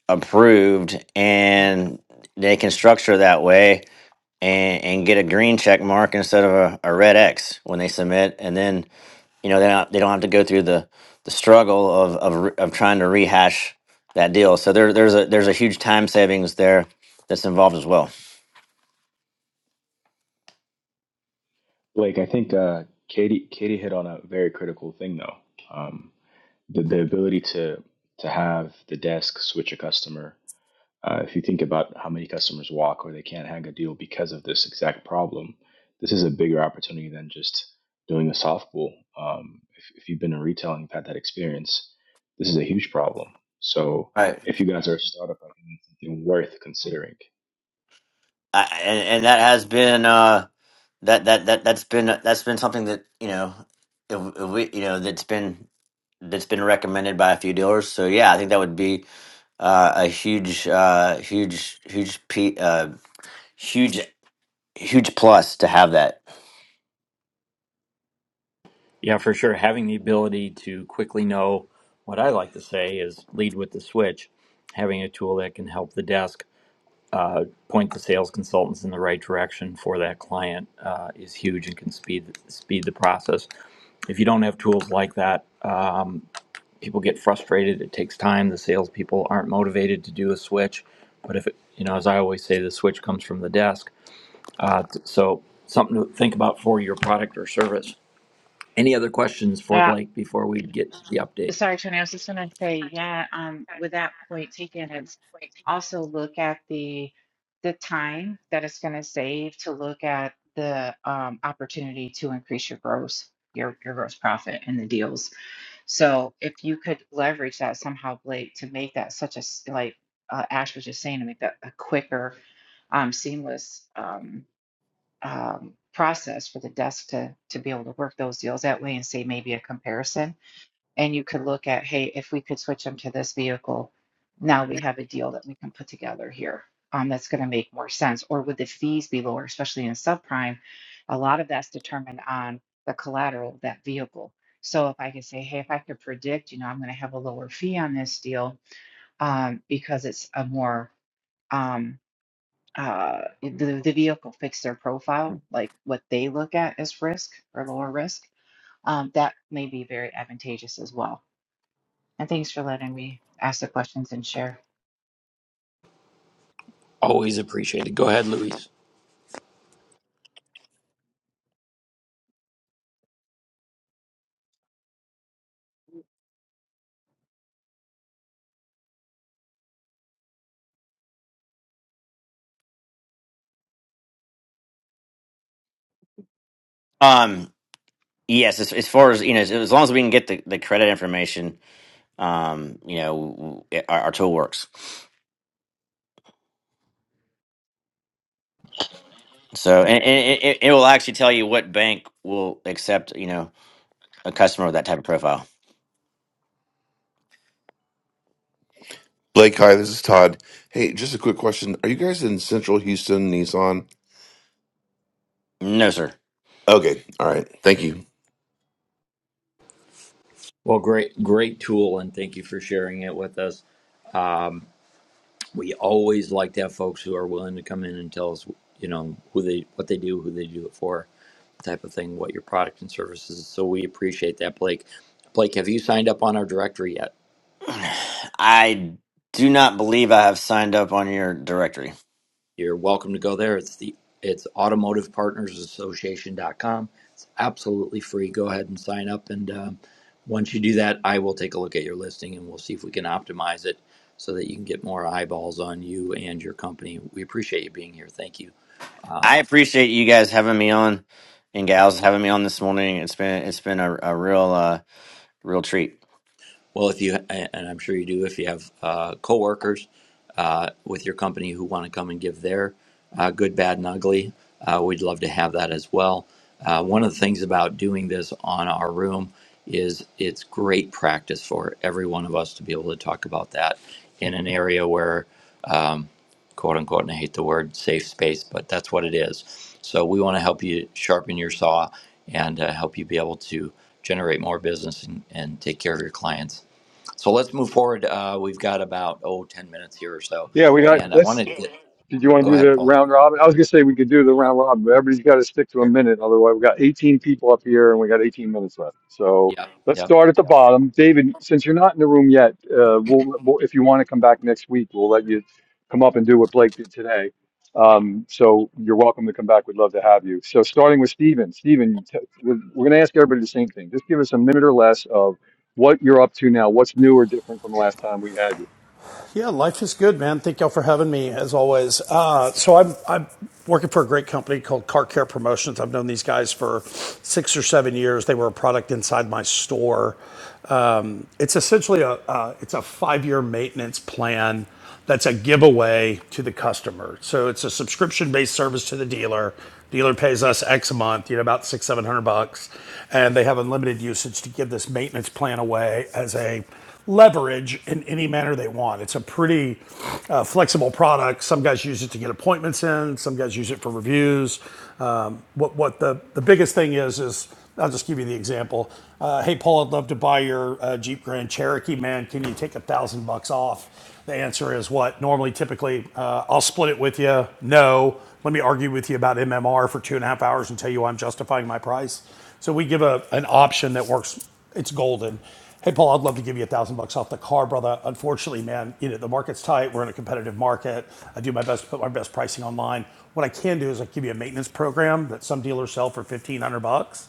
Speaker 11: approved and they can structure that way and and get a green check mark instead of a, a red X when they submit, and then you know they don't they don't have to go through the the struggle of of, re- of trying to rehash that deal. So there there's a there's a huge time savings there that's involved as well.
Speaker 12: Blake, I think uh, Katie Katie hit on a very critical thing though. Um, the the ability to to have the desk switch a customer Uh, if you think about how many customers walk or they can't hang a deal because of this exact problem, this is a bigger opportunity than just doing a soft pull. Um, if, if you've been in retail and you've had that experience, this is a huge problem. So
Speaker 11: Right.
Speaker 12: if you guys are a startup, I think it's something worth considering.
Speaker 11: I, and and that has been uh that that that that's been that's been something that you know if, if we you know that's been that's been recommended by a few dealers. So yeah, I think that would be uh, a huge uh huge huge pe- uh huge huge plus to have that.
Speaker 1: Yeah, for sure. Having the ability to quickly know what I like to say is lead with the switch. Having a tool that can help the desk uh, point the sales consultants in the right direction for that client uh, is huge and can speed speed the process. If you don't have tools like that, um, people get frustrated. It takes time. The salespeople aren't motivated to do a switch. But if it, you know, as I always say, the switch comes from the desk. Uh, t- so something to think about for your product or service. Any other questions for
Speaker 14: Yeah.
Speaker 1: Blake before we get to the update?
Speaker 14: Sorry, Tony. I was just gonna say, yeah, um, with that point taken, it's also look at the the time that it's gonna save to look at the um opportunity to increase your gross your your gross profit and the deals. So if you could leverage that somehow, Blake, to make that such a s- like uh, Ash was just saying, to make that a quicker, um, seamless um, um, process for the desk to to be able to work those deals that way and say maybe a comparison and you could look at, hey, if we could switch them to this vehicle, now we have a deal that we can put together here. Um, that's going to make more sense. Or would the fees be lower, especially in subprime? A lot of that's determined on the collateral of that vehicle. So if I could say, hey, if I could predict, you know, I'm going to have a lower fee on this deal um, because it's a more um, uh, the the vehicle fits their profile, like what they look at as risk or lower risk. Um, that may be very advantageous as well. And thanks for letting me ask the questions and share.
Speaker 11: Um, yes, as, as far as you know, as, as long as we can get the, the credit information, um, you know, w- it, our, our tool works. So, and, and it, it will actually tell you what bank will accept, you know, a customer with that type of profile.
Speaker 4: Blake, hi, this is Todd. Hey, just a quick question. Are you guys in Central Houston, Nissan?
Speaker 11: No, sir,
Speaker 4: Okay, all right. Thank you.
Speaker 1: Well, great, great tool, and thank you for sharing it with us. We always like to have folks who are willing to come in and tell us, you know, who they, what they do, who they do it for, type of thing, what your product and services. is. So we appreciate that, Blake. Blake, have you signed up on our directory yet?
Speaker 11: I do not believe I have signed up on your directory.
Speaker 1: You're welcome to go there. It's the it's automotivepartnersassociation.com. It's absolutely free. Go ahead and sign up, and um, once you do that, I will take a look at your listing and we'll see if we can optimize it so that you can get more eyeballs on you and your company. We appreciate you being here. Thank you.
Speaker 11: I appreciate you guys having me on, and gals having me on this morning. It's been it's been a, a real uh, real treat.
Speaker 1: Well, if you and I'm sure you do, if you have uh, coworkers uh, with your company who want to come and give their uh, good, bad, and ugly, uh, we'd love to have that as well. Uh, one of the things about doing this on our room is it's great practice for every one of us to be able to talk about that in an area where, um, quote unquote, and I hate the word safe space, but that's what it is. So we want to help you sharpen your saw and uh, help you be able to generate more business and, and take care of your clients so let's move forward. Uh, we've got about, oh 10 minutes here or so.
Speaker 8: Yeah, we got.
Speaker 1: And I
Speaker 8: Let's
Speaker 1: wanted to get,
Speaker 8: Did you want to
Speaker 1: go
Speaker 8: do
Speaker 1: ahead,
Speaker 8: the
Speaker 1: Paul.
Speaker 8: round robin? I was gonna say we could do the round robin, but everybody's got to stick to a
Speaker 1: Sure.
Speaker 8: minute. Otherwise, we got 18 people up here and we got 18 minutes left. So
Speaker 1: Yep.
Speaker 8: let's
Speaker 1: Yep.
Speaker 8: start at the bottom. David, since you're not in the room yet, uh, we'll, we'll if you want to come back next week, we'll let you come up and do what Blake did today. Um, so you're welcome to come back. We'd love to have you. So starting with Stephen, Stephen, t- we're, we're gonna ask everybody the same thing. Just give us a minute or less of what you're up to now. What's new or different from the last time we had you?
Speaker 2: Yeah, life is good, man. Thank y'all for having me, as always. Uh, so I'm I'm working for a great company called Car Care Promotions. I've known these guys for six or seven years. They were a product inside my store. It's essentially a uh, it's a five year maintenance plan that's a giveaway to the customer. So it's a subscription based service to the dealer. Dealer pays us X a month, you know, about six seven hundred bucks, and they have unlimited usage to give this maintenance plan away as a leverage in any manner they want. It's a pretty uh, flexible product. Some guys use it to get appointments in. Some guys use it for reviews. Um, what what the the biggest thing is is I'll just give you the example. Uh, hey Paul, I'd love to buy your uh, Jeep Grand Cherokee. Man, can you take a thousand bucks off? The answer is what? Normally, typically, uh, I'll split it with you. No, let me argue with you about MMR for two and a half hours and tell you why I'm justifying my price. So we give a an option that works. It's golden. Hey, Paul, I'd love to give you a thousand bucks off the car, brother. Unfortunately, man, you know, the market's tight. We're in a competitive market. I do my best to put my best pricing online. What I can do is I give you a maintenance program that some dealers sell for 1500 bucks.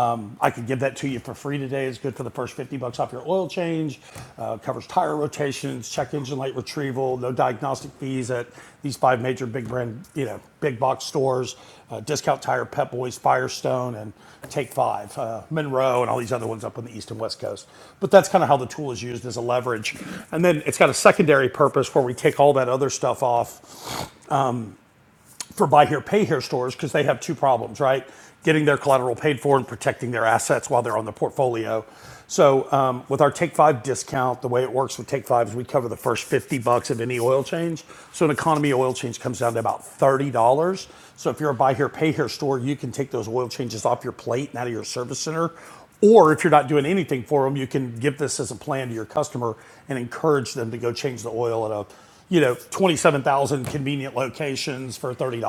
Speaker 2: Um, I could give that to you for free today. It's good for the first 50 bucks off your oil change. Uh, covers tire rotations, check engine light retrieval, no diagnostic fees at these five major big brand, you know, big box stores, uh, Discount Tire, Pep Boys, Firestone, and Take Five, uh, Monroe, and all these other ones up on the East and West Coast. But that's kind of how the tool is used as a leverage. And then it's got a secondary purpose where we take all that other stuff off for buy here, pay here stores because they have two problems, right? Getting their collateral paid for and protecting their assets while they're on the portfolio. So um, with our Take Five discount, the way it works with Take Five is we cover the first 50 bucks of any oil change. So an economy oil change comes down to about $30. So if you're a buy here, pay here store, you can take those oil changes off your plate and out of your service center or if you're not doing anything for them, you can give this as a plan to your customer and encourage them to go change the oil at a, you know, 27,000 convenient locations for $30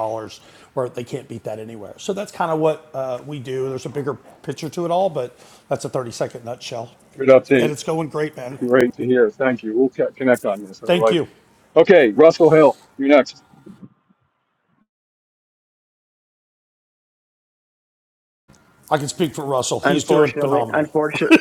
Speaker 2: where they can't beat that anywhere. So that's kind of what uh, we do. There's a bigger picture to it all, but that's a 30 second nutshell.
Speaker 8: Good update.
Speaker 2: And it's going great, man.
Speaker 8: Great to hear. Thank you. We'll co- connect on this. I
Speaker 2: Thank
Speaker 8: like
Speaker 2: you.
Speaker 8: it. Okay, Russell Hill, you're next.
Speaker 2: I can speak for Russell. He's doing
Speaker 5: unfortunately,
Speaker 2: phenomenal.
Speaker 5: unfortunately,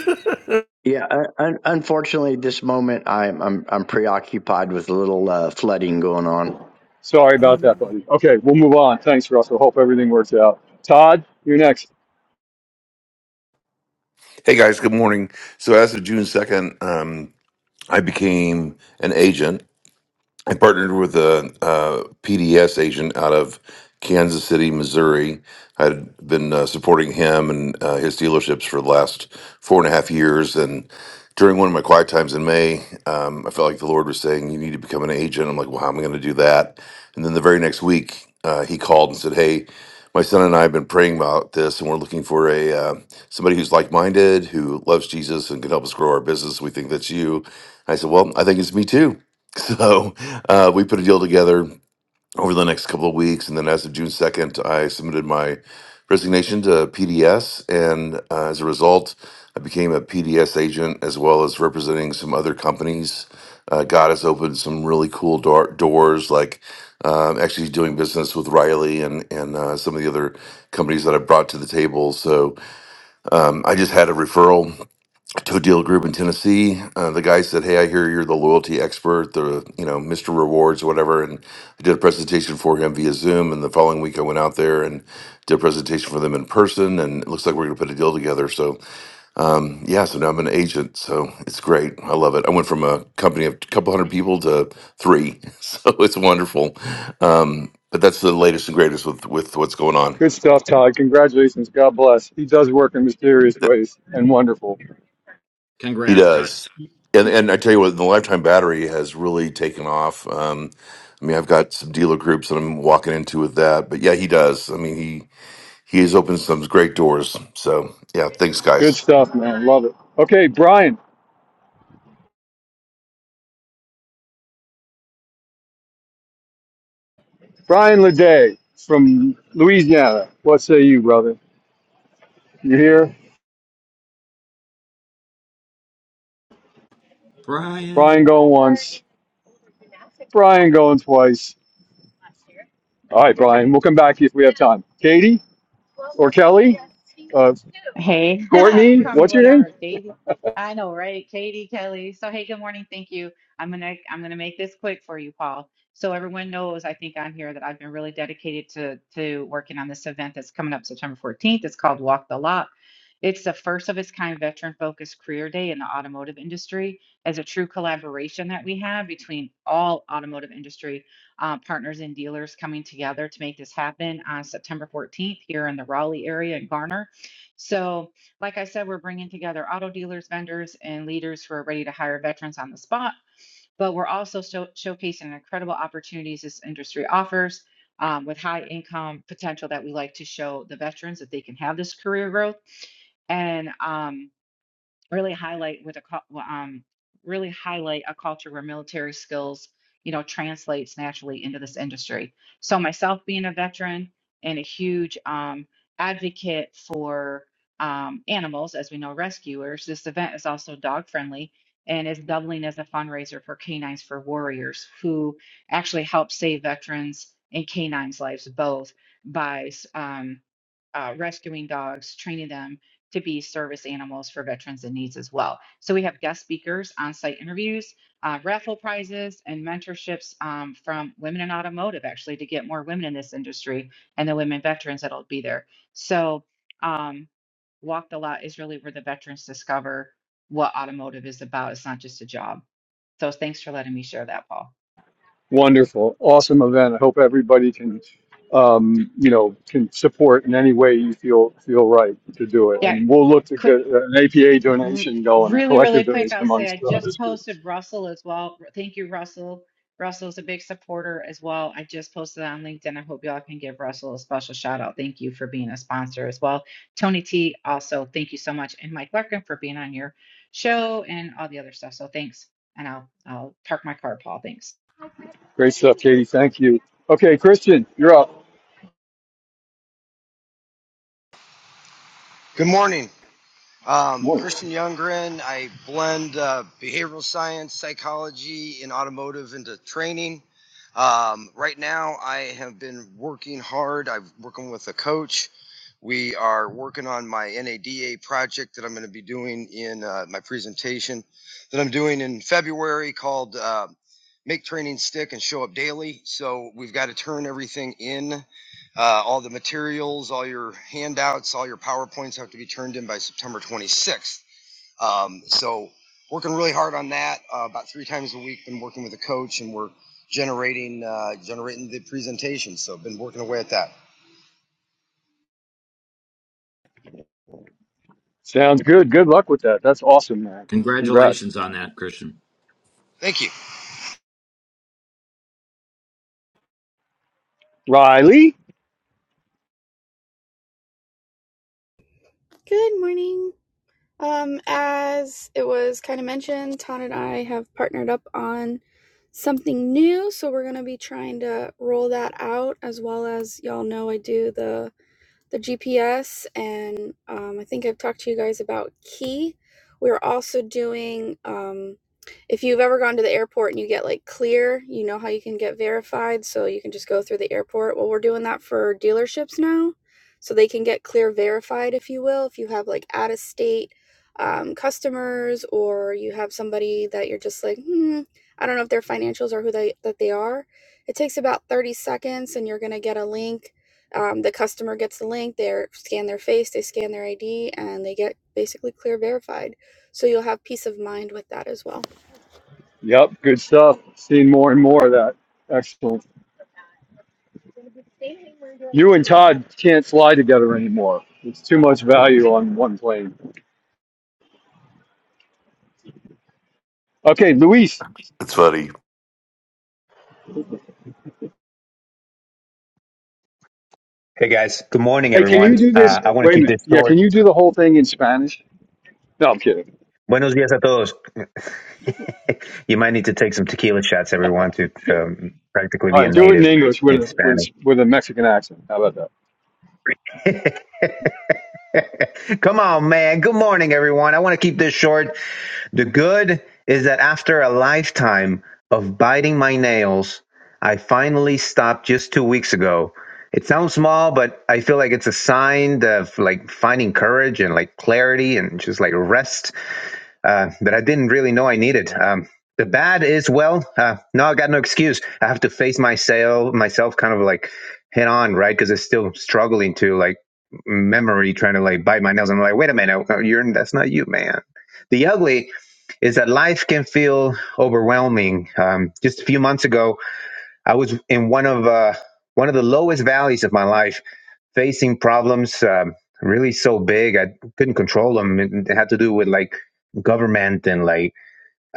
Speaker 5: yeah, un- un- unfortunately, this moment I'm I'm I'm preoccupied with a little uh, flooding going on.
Speaker 8: Sorry about that, buddy. Okay, we'll move on. Thanks, Russell. Hope everything works out. Todd, you're next.
Speaker 4: Hey, guys, good morning. So, as of June 2nd, um, I became an agent I partnered with a, uh PDS agent out of Kansas City, Missouri. I'd been uh, supporting him and uh, his dealerships for the last four and a half years. And during one of my quiet times in May, um, I felt like the Lord was saying, "You need to become an agent." I'm like, "Well, how am I going to do that?" And then the very next week, uh, he called and said, "Hey." My son and I have been praying about this, and we're looking for a uh, somebody who's like-minded, who loves Jesus, and can help us grow our business. We think that's you. I said, "Well, I think it's me too." So uh, we put a deal together over the next couple of weeks, and then as of June second, I submitted my resignation to PDS, and uh, as a result, I became a PDS agent as well as representing some other companies. Uh, God has opened some really cool door- doors, like um, actually doing business with Riley and and uh, some of the other companies that I brought to the table. So um, I just had a referral to a deal group in Tennessee. Uh, the guy said, "Hey, I hear you're the loyalty expert, the you know Mr. Rewards, whatever." And I did a presentation for him via Zoom. And the following week, I went out there and did a presentation for them in person. And it looks like we're going to put a deal together. So, um, yeah, so now I'm an agent. So it's great. I love it. I went from a company of a couple hundred people to three, so it's wonderful. Um, but that's the latest and greatest with with what's going on.
Speaker 8: Good stuff, Todd. Congratulations. God bless. He does work in mysterious ways and wonderful.
Speaker 4: He
Speaker 1: Congrats, Ty.
Speaker 4: does. And and I tell you what, the lifetime battery has really taken off. Um, I mean, I've got some dealer groups that I'm walking into with that, but yeah, he does. I mean, he he has opened some great doors. So yeah, thanks,
Speaker 8: Good
Speaker 4: guys.
Speaker 8: stuff, man. Love it. Okay, Brian. Brian Leday from Louisiana. What say you, brother? You here? Brian
Speaker 1: Brian.
Speaker 8: going once. Brian going twice. All right, Brian. We'll come back if we have time. Katie? or Kelly, uh,
Speaker 14: Hey,
Speaker 8: Courtney,
Speaker 14: you call me
Speaker 8: what's your name?
Speaker 14: whatever, Katie. I know, right? Katie, Kelly. So, hey, good morning. Thank you. I'm gonna I'm gonna make this quick for you, Paul. So everyone knows, I think on here that I've been really dedicated to to working on this event that's coming up September 14th. It's called Walk the Lot. It's the first of its kind veteran focused career day in the automotive industry as a true collaboration that we have between all automotive industry uh, partners and dealers coming together to make this happen on September 14th here in the Raleigh area in Garner. So, like I said, we're bringing together auto dealers, vendors, and leaders who are ready to hire veterans on the spot. But we're also show- showcasing incredible opportunities this industry offers um, with high income potential that we like to show the veterans that they can have this career growth. And um, really highlight with a cul- well, um really highlight a culture where military skills you know translates naturally into this industry so myself being a veteran and a huge um advocate for um animals as we know rescuers this event is also dog friendly and is doubling as a fundraiser for canines for warriors who actually help save veterans and canines lives both by um uh, rescuing dogs, training them, to be service animals for veterans in needs as well. So we have guest speakers, on-site interviews, uh, raffle prizes, and mentorships um, from women in automotive, actually, to get more women in this industry and the women veterans that'll be there. So um, Walk the Lot is really where the veterans discover what automotive is about. It's not just a job. So thanks for letting me share that, Paul.
Speaker 8: Wonderful, awesome event. I hope everybody can, um, you know, can support in any way you feel feel right to do it.
Speaker 14: Yeah,
Speaker 8: And we'll look to get an APA
Speaker 14: r-
Speaker 8: donation going,
Speaker 14: really, really
Speaker 8: collective
Speaker 14: quick,
Speaker 8: donation
Speaker 14: I'll say
Speaker 8: amongst
Speaker 14: I
Speaker 8: the
Speaker 14: just
Speaker 8: others groups.
Speaker 14: posted Russell as well. R- Thank you, Russell. Russell's a big supporter as well. I just posted on LinkedIn. I hope y'all can give Russell a special shout out. Thank you for being a sponsor as well. Tony T, also, thank you so much. And Mike Larkin for being on your show and all the other stuff. So thanks. And I'll I'll park my car, Paul. Thanks.
Speaker 8: Great stuff, Katie. Thank you. Okay, Christian, you're up.
Speaker 15: Good morning. Um,
Speaker 8: Whoa.
Speaker 15: Christian Youngren. I blend uh, behavioral science, psychology, and automotive into training. Um, right now, I have been working hard. I'm working with a coach. We are working on my NADA project that I'm going to be doing in uh, my presentation that I'm doing in February called uh, Make Training Stick and Show Up Daily. So we've got to turn everything in uh, all the materials, all your handouts, all your PowerPoints have to be turned in by September 26th. Um, so, working really hard on that. Uh, about three times a week, been working with a coach, and we're generating uh, generating the presentation. So, been working away at that.
Speaker 8: Sounds good. Good luck with that. That's awesome, man. Congrats,
Speaker 1: Congratulations on that, Christian.
Speaker 15: Thank you.
Speaker 8: Riley.
Speaker 9: Good morning. Um, as it was kind of mentioned, Ton and I have partnered up on something new, so we're going to be trying to roll that out as well as y'all know I do the the GPS, and um, I think I've talked to you guys about Key. We're also doing, um, if you've ever gone to the airport and you get like clear, you know how you can get verified, so you can just go through the airport. Well, we're doing that for dealerships now, so they can get clear verified, if you will, if you have like out of state um, customers or you have somebody that you're just like, hmm, I don't know if their financials are who they that they are. It takes about 30 seconds, and you're gonna get a link um, the customer gets the link they scan their face they scan their id and they get basically clear verified so you'll have peace of mind with that as well
Speaker 8: Yep, good stuff. Seeing more and more of that. Excellent. You and Todd can't fly together anymore. It's too much value on one plane. Okay, Luis.
Speaker 4: It's funny.
Speaker 10: Hey guys, good morning
Speaker 8: Hey, can you
Speaker 10: everyone.
Speaker 8: do this?
Speaker 10: Uh, I want to
Speaker 8: Wait a
Speaker 10: keep
Speaker 8: minute.
Speaker 10: this
Speaker 8: Yeah,
Speaker 10: short.
Speaker 8: can you do the whole thing in Spanish? No, I'm kidding.
Speaker 10: Buenos días a todos. you might need to take some tequila shots, everyone, to um, practically
Speaker 8: All
Speaker 10: be a
Speaker 8: right, do it in
Speaker 10: native
Speaker 8: English with
Speaker 10: in
Speaker 8: a with
Speaker 10: Spanish.
Speaker 8: a, with a Mexican accent. How about that?
Speaker 10: Come on, man. Good morning, everyone. I want to keep this short. The good is that after a lifetime of biting my nails, I finally stopped just two weeks ago. It sounds small, but I feel like it's a sign of like finding courage and like clarity and just like rest uh, that I didn't really know I needed. Um, the bad is well, uh, no, I got no excuse. I have to face myself, myself, kind of like head on, right? Because it's still struggling to like memory, trying to like bite my nails. I'm like, wait a minute, uh, you're that's not you, man. The ugly is that life can feel overwhelming. Um, just a few months ago, I was in one of uh, one of the lowest valleys of my life facing problems um, really so big I couldn't control them. It, it had to do with like government and like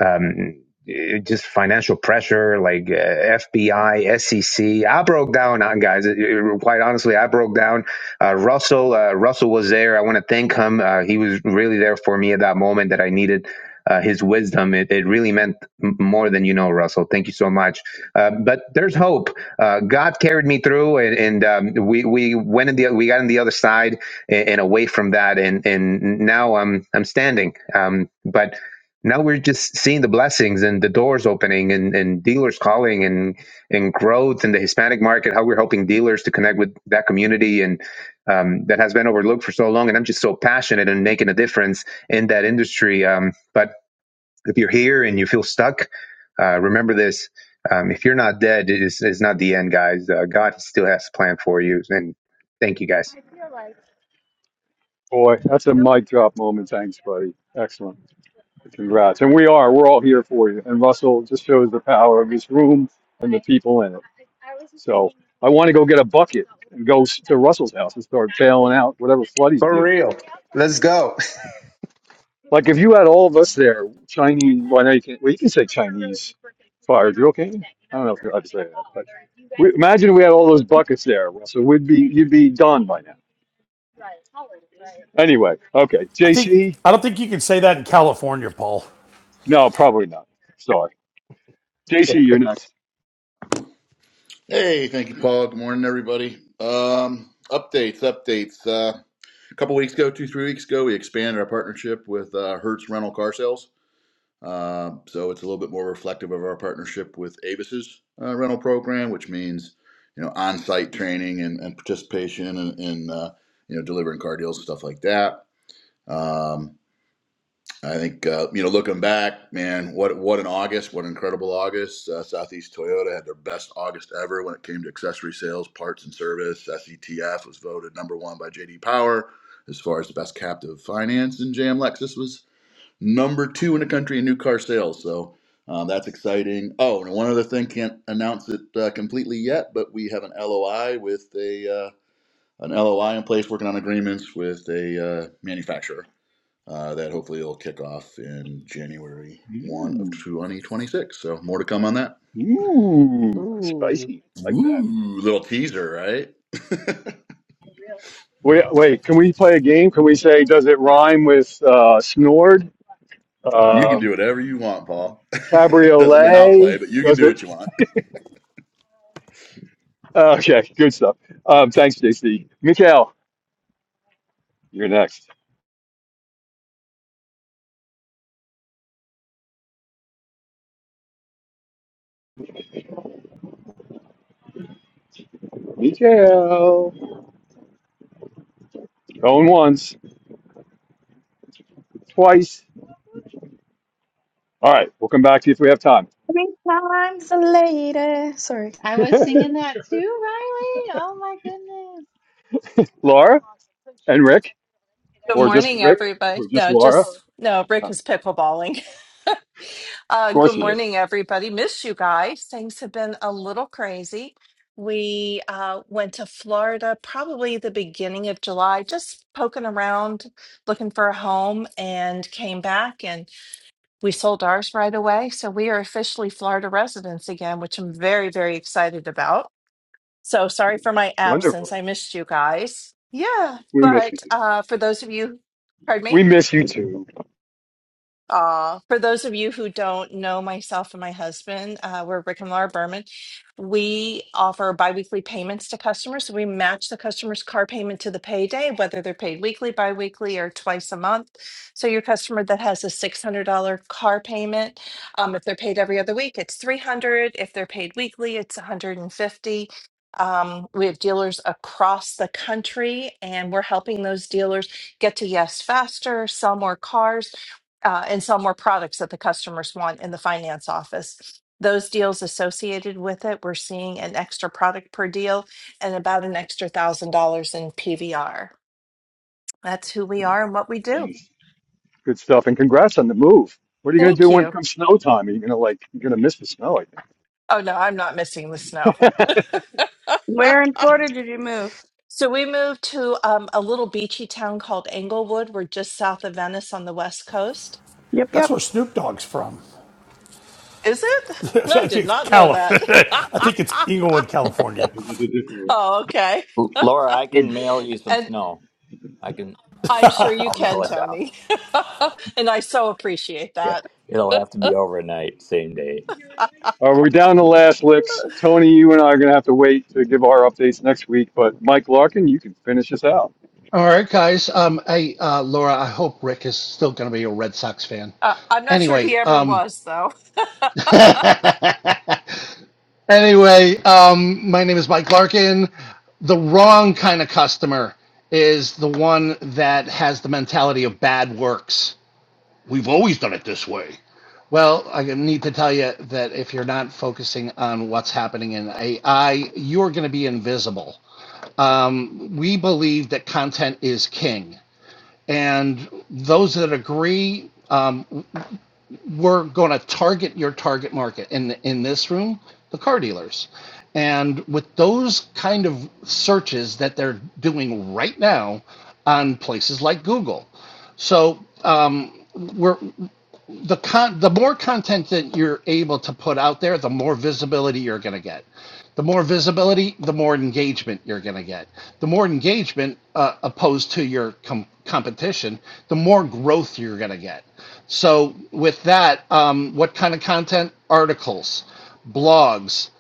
Speaker 10: um, eh, just financial pressure, like uh, FBI, SEC. I S E C. I broke down, uh, guys. eh, eh, Quite honestly, I broke down. Uh, Russell, uh, Russell was there. I want to thank him. Uh, he was really there for me at that moment that I needed. Uh, his wisdom it, it really meant m- more than you know russell thank you so much uh, but there's hope uh, god carried me through and, and um, we we went in the we got on the other side and, and away from that and and now i'm i'm standing um, but now we're just seeing the blessings and the doors opening and, and dealers calling and and growth in the Hispanic market, how we're helping dealers to connect with that community and um, that has been overlooked for so long. And I'm just so passionate and making a difference in that industry. Um, but if you're here and you feel stuck, uh, remember this. Um, if you're not dead, it is, it's not the end, guys. Uh, God still has a plan for you. And thank you, guys.
Speaker 8: Boy, that's a mic drop moment. Thanks, buddy. Excellent. Congrats. And we are. We're all here for you. And Russell just shows the power of this room and the people in it. So I want to go get a bucket and go s- to Russell's house and start bailing out whatever flood he's
Speaker 10: For
Speaker 8: dealing with.
Speaker 10: real. Let's go.
Speaker 8: Like if you had all of us there, Chinese, well, now you can, well, you can say Chinese fire drill, can you? I don't know if you're allowed to say that, but we, imagine we had all those buckets there, Russell. We'd be, you'd be done by now. Anyway, okay.
Speaker 2: I think
Speaker 8: JC?
Speaker 2: I don't think you can say that in California, Paul.
Speaker 8: No, probably not. Sorry. JC, you're next.
Speaker 13: Hey, thank you, Paul. Good morning, everybody. Um, updates, updates. Uh. a couple weeks ago, two, three weeks ago, we expanded our partnership with uh, Hertz Rental Car Sales. Um, so it's a little bit more reflective of our partnership with Avis's uh, rental program, which means you know on-site training and, and participation and, and uh, you know delivering car deals and stuff like that. Um, I think uh, you know, looking back, man, what what an August, what an incredible August. Uh, Southeast Toyota had their best August ever when it came to accessory sales, parts, and service. SETF was voted number one by JD Power as far as the best captive finance, and JM Lexus was number two in the country in new car sales. So um, that's exciting. Oh, and one other thing, can't announce it uh, completely yet, but we have an LOI with a uh, an LOI in place, working on agreements with a uh, manufacturer uh, that hopefully will kick off in January 1 of 2026. So more to come on that.
Speaker 8: Ooh,
Speaker 14: Ooh.
Speaker 8: spicy. Like that.
Speaker 13: Ooh, little teaser, right?
Speaker 8: Wait, wait, can we play a game? Can we say, does it rhyme with uh, snored?
Speaker 13: you can do
Speaker 8: Um
Speaker 13: whatever you want, Paul. Doesn't mean I'll play,
Speaker 8: cabriolet?
Speaker 13: but you can
Speaker 8: Does
Speaker 13: do what
Speaker 8: it?
Speaker 13: you want.
Speaker 8: Uh, okay, good stuff. Um, thanks, JC. Mikhail, you're next. Mikhail. Going once, twice. All right, we'll come back to you if we have time.
Speaker 9: Three times later. Sorry.
Speaker 14: I was singing that too, Riley. Oh my goodness.
Speaker 8: Laura and Rick,
Speaker 6: Good
Speaker 8: or just
Speaker 6: morning,
Speaker 8: Rick,
Speaker 6: everybody.
Speaker 8: or just
Speaker 6: No,
Speaker 8: Laura.
Speaker 6: just no,
Speaker 8: Uh,
Speaker 6: Rick
Speaker 8: of
Speaker 6: is pickleballing. Uh,
Speaker 8: course
Speaker 6: good
Speaker 8: he is.
Speaker 6: morning, everybody. Miss you guys. Things have been a little crazy. We uh, went to Florida probably the beginning of July, just poking around, looking for a home, and came back. and. We sold ours right away. So we are officially Florida residents again, which I'm very, very excited about. So sorry for my
Speaker 8: Wonderful.
Speaker 6: absence. I missed you guys. Yeah.
Speaker 8: We miss you
Speaker 6: But
Speaker 8: too.
Speaker 6: uh, for those of you, pardon me?
Speaker 8: We miss you too.
Speaker 6: Uh, for those of you who don't know myself and my husband, uh, we're Rick and Laura Berman. We offer biweekly payments to customers. So we match the customer's car payment to the payday, whether they're paid weekly, biweekly, or twice a month. So your customer that has a $600 car payment, um, if they're paid every other week, it's 300. If they're paid weekly, it's 150. Um, we have dealers across the country, and we're helping those dealers get to yes faster, sell more cars uh, and sell more products that the customers want in the finance office. Those deals associated with it, we're seeing an extra product per deal and about an extra thousand dollars in PVR. That's who we are and what we do.
Speaker 8: Nice. Good stuff. And congrats on the move. What are you going to do
Speaker 6: Thank
Speaker 8: when it
Speaker 6: you.
Speaker 8: comes snow time? Are you going to like, you're going to miss the snow, I
Speaker 6: Oh no, I'm not missing the snow.
Speaker 9: Where in Florida did you move?
Speaker 6: So we moved to um, a little beachy town called Englewood. We're just south of Venice on the west coast.
Speaker 9: Yep, yep.
Speaker 2: That's where Snoop Dogg's from.
Speaker 6: Is it?
Speaker 2: I
Speaker 6: I
Speaker 2: think
Speaker 6: did
Speaker 2: it's
Speaker 6: not know
Speaker 2: Cali.
Speaker 6: that.
Speaker 2: I think it's Inglewood, California.
Speaker 8: think.
Speaker 6: oh, okay.
Speaker 1: L- Laura, I can mail you some
Speaker 6: and.
Speaker 1: snow. I can,
Speaker 6: I'm sure
Speaker 1: I'll,
Speaker 6: you
Speaker 1: I'll
Speaker 6: can,
Speaker 1: mail it down.
Speaker 6: Tony. and I so appreciate
Speaker 1: Yeah.
Speaker 6: that.
Speaker 1: It'll have to be overnight, same day.
Speaker 8: Uh, we're down to last licks. Tony, you and I are going to have to wait to give our updates next week, but Mike Larkin, you can finish us out.
Speaker 3: All right, guys. Um, hey, uh, Laura, I hope Rick is still going to be a Red Sox fan.
Speaker 6: Uh, I'm not sure
Speaker 3: Anyway,
Speaker 6: he ever
Speaker 3: um,
Speaker 6: was, though.
Speaker 3: anyway, um, my name is Mike Larkin. The wrong kind of customer is the one that has the mentality of bad works. We've always. Well, I need to tell you that if you're not focusing on what's happening in AI, you're going to be invisible. Um, we believe that content is king. and those that agree, um, we're going to target your target market. In in this room, the car dealers, and with those kind of searches that they're doing right now on places like Google, so um, we're the con the more content that you're able to put out there, the more visibility you're going to get. The more visibility, the more engagement you're going to get. The more engagement, uh, opposed to your com- competition, the more growth you're going to get. So, with that, um, what kind of content? Articles, blogs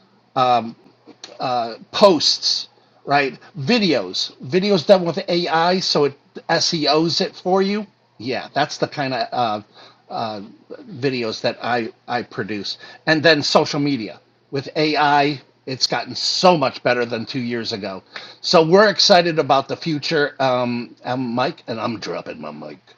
Speaker 3: posts, right? Videos, videos done with AI, so it SEOs it for you. Yeah, that's the kind of uh, uh, videos that I I produce, and then social media with AI. It's gotten so much better than two years ago. So we're excited about the future. Um, I'm Mike, and I'm dropping my mic.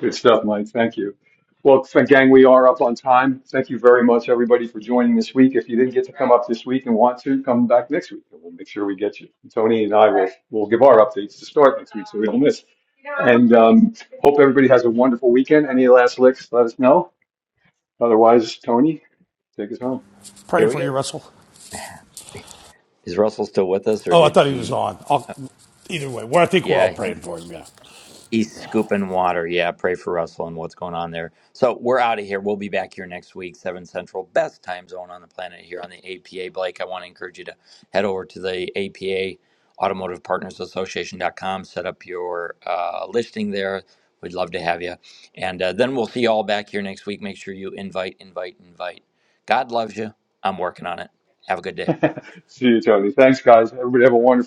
Speaker 8: Good stuff, Mike. Thank you. Well, f- gang, we are up on time. Thank you very much, everybody, for joining this week. If you didn't get to come up this week and want to, come back next week, and we'll make sure we get you. Tony and I will will give our updates to start next week, so we don't miss. And um, hope everybody has a wonderful weekend. Any last licks? Let us know. Otherwise, Tony, take us home.
Speaker 2: Praying
Speaker 1: Here we
Speaker 2: for you,
Speaker 1: go.
Speaker 2: Russell.
Speaker 1: Is Russell still with us or
Speaker 2: Oh, I
Speaker 1: did
Speaker 2: thought he was
Speaker 1: he?
Speaker 2: on. I'll, either way, well, I think we're all
Speaker 1: Yeah.
Speaker 2: praying for him. Yeah.
Speaker 1: East scooping water. Yeah, pray for Russell and what's going on there. So we're out of here. We'll be back here next week, 7 Central, best time zone on the planet here on the APA. Blake, I want to encourage you to head over to the APA Automotive Partners Association dot com, set up your uh, listing there. We'd love to have you. And uh, then we'll see you all back here next week. Make sure you invite, invite, invite. God loves you. I'm working on it. Have a good day.
Speaker 8: See you, Tony. Thanks, guys. Everybody have a wonderful.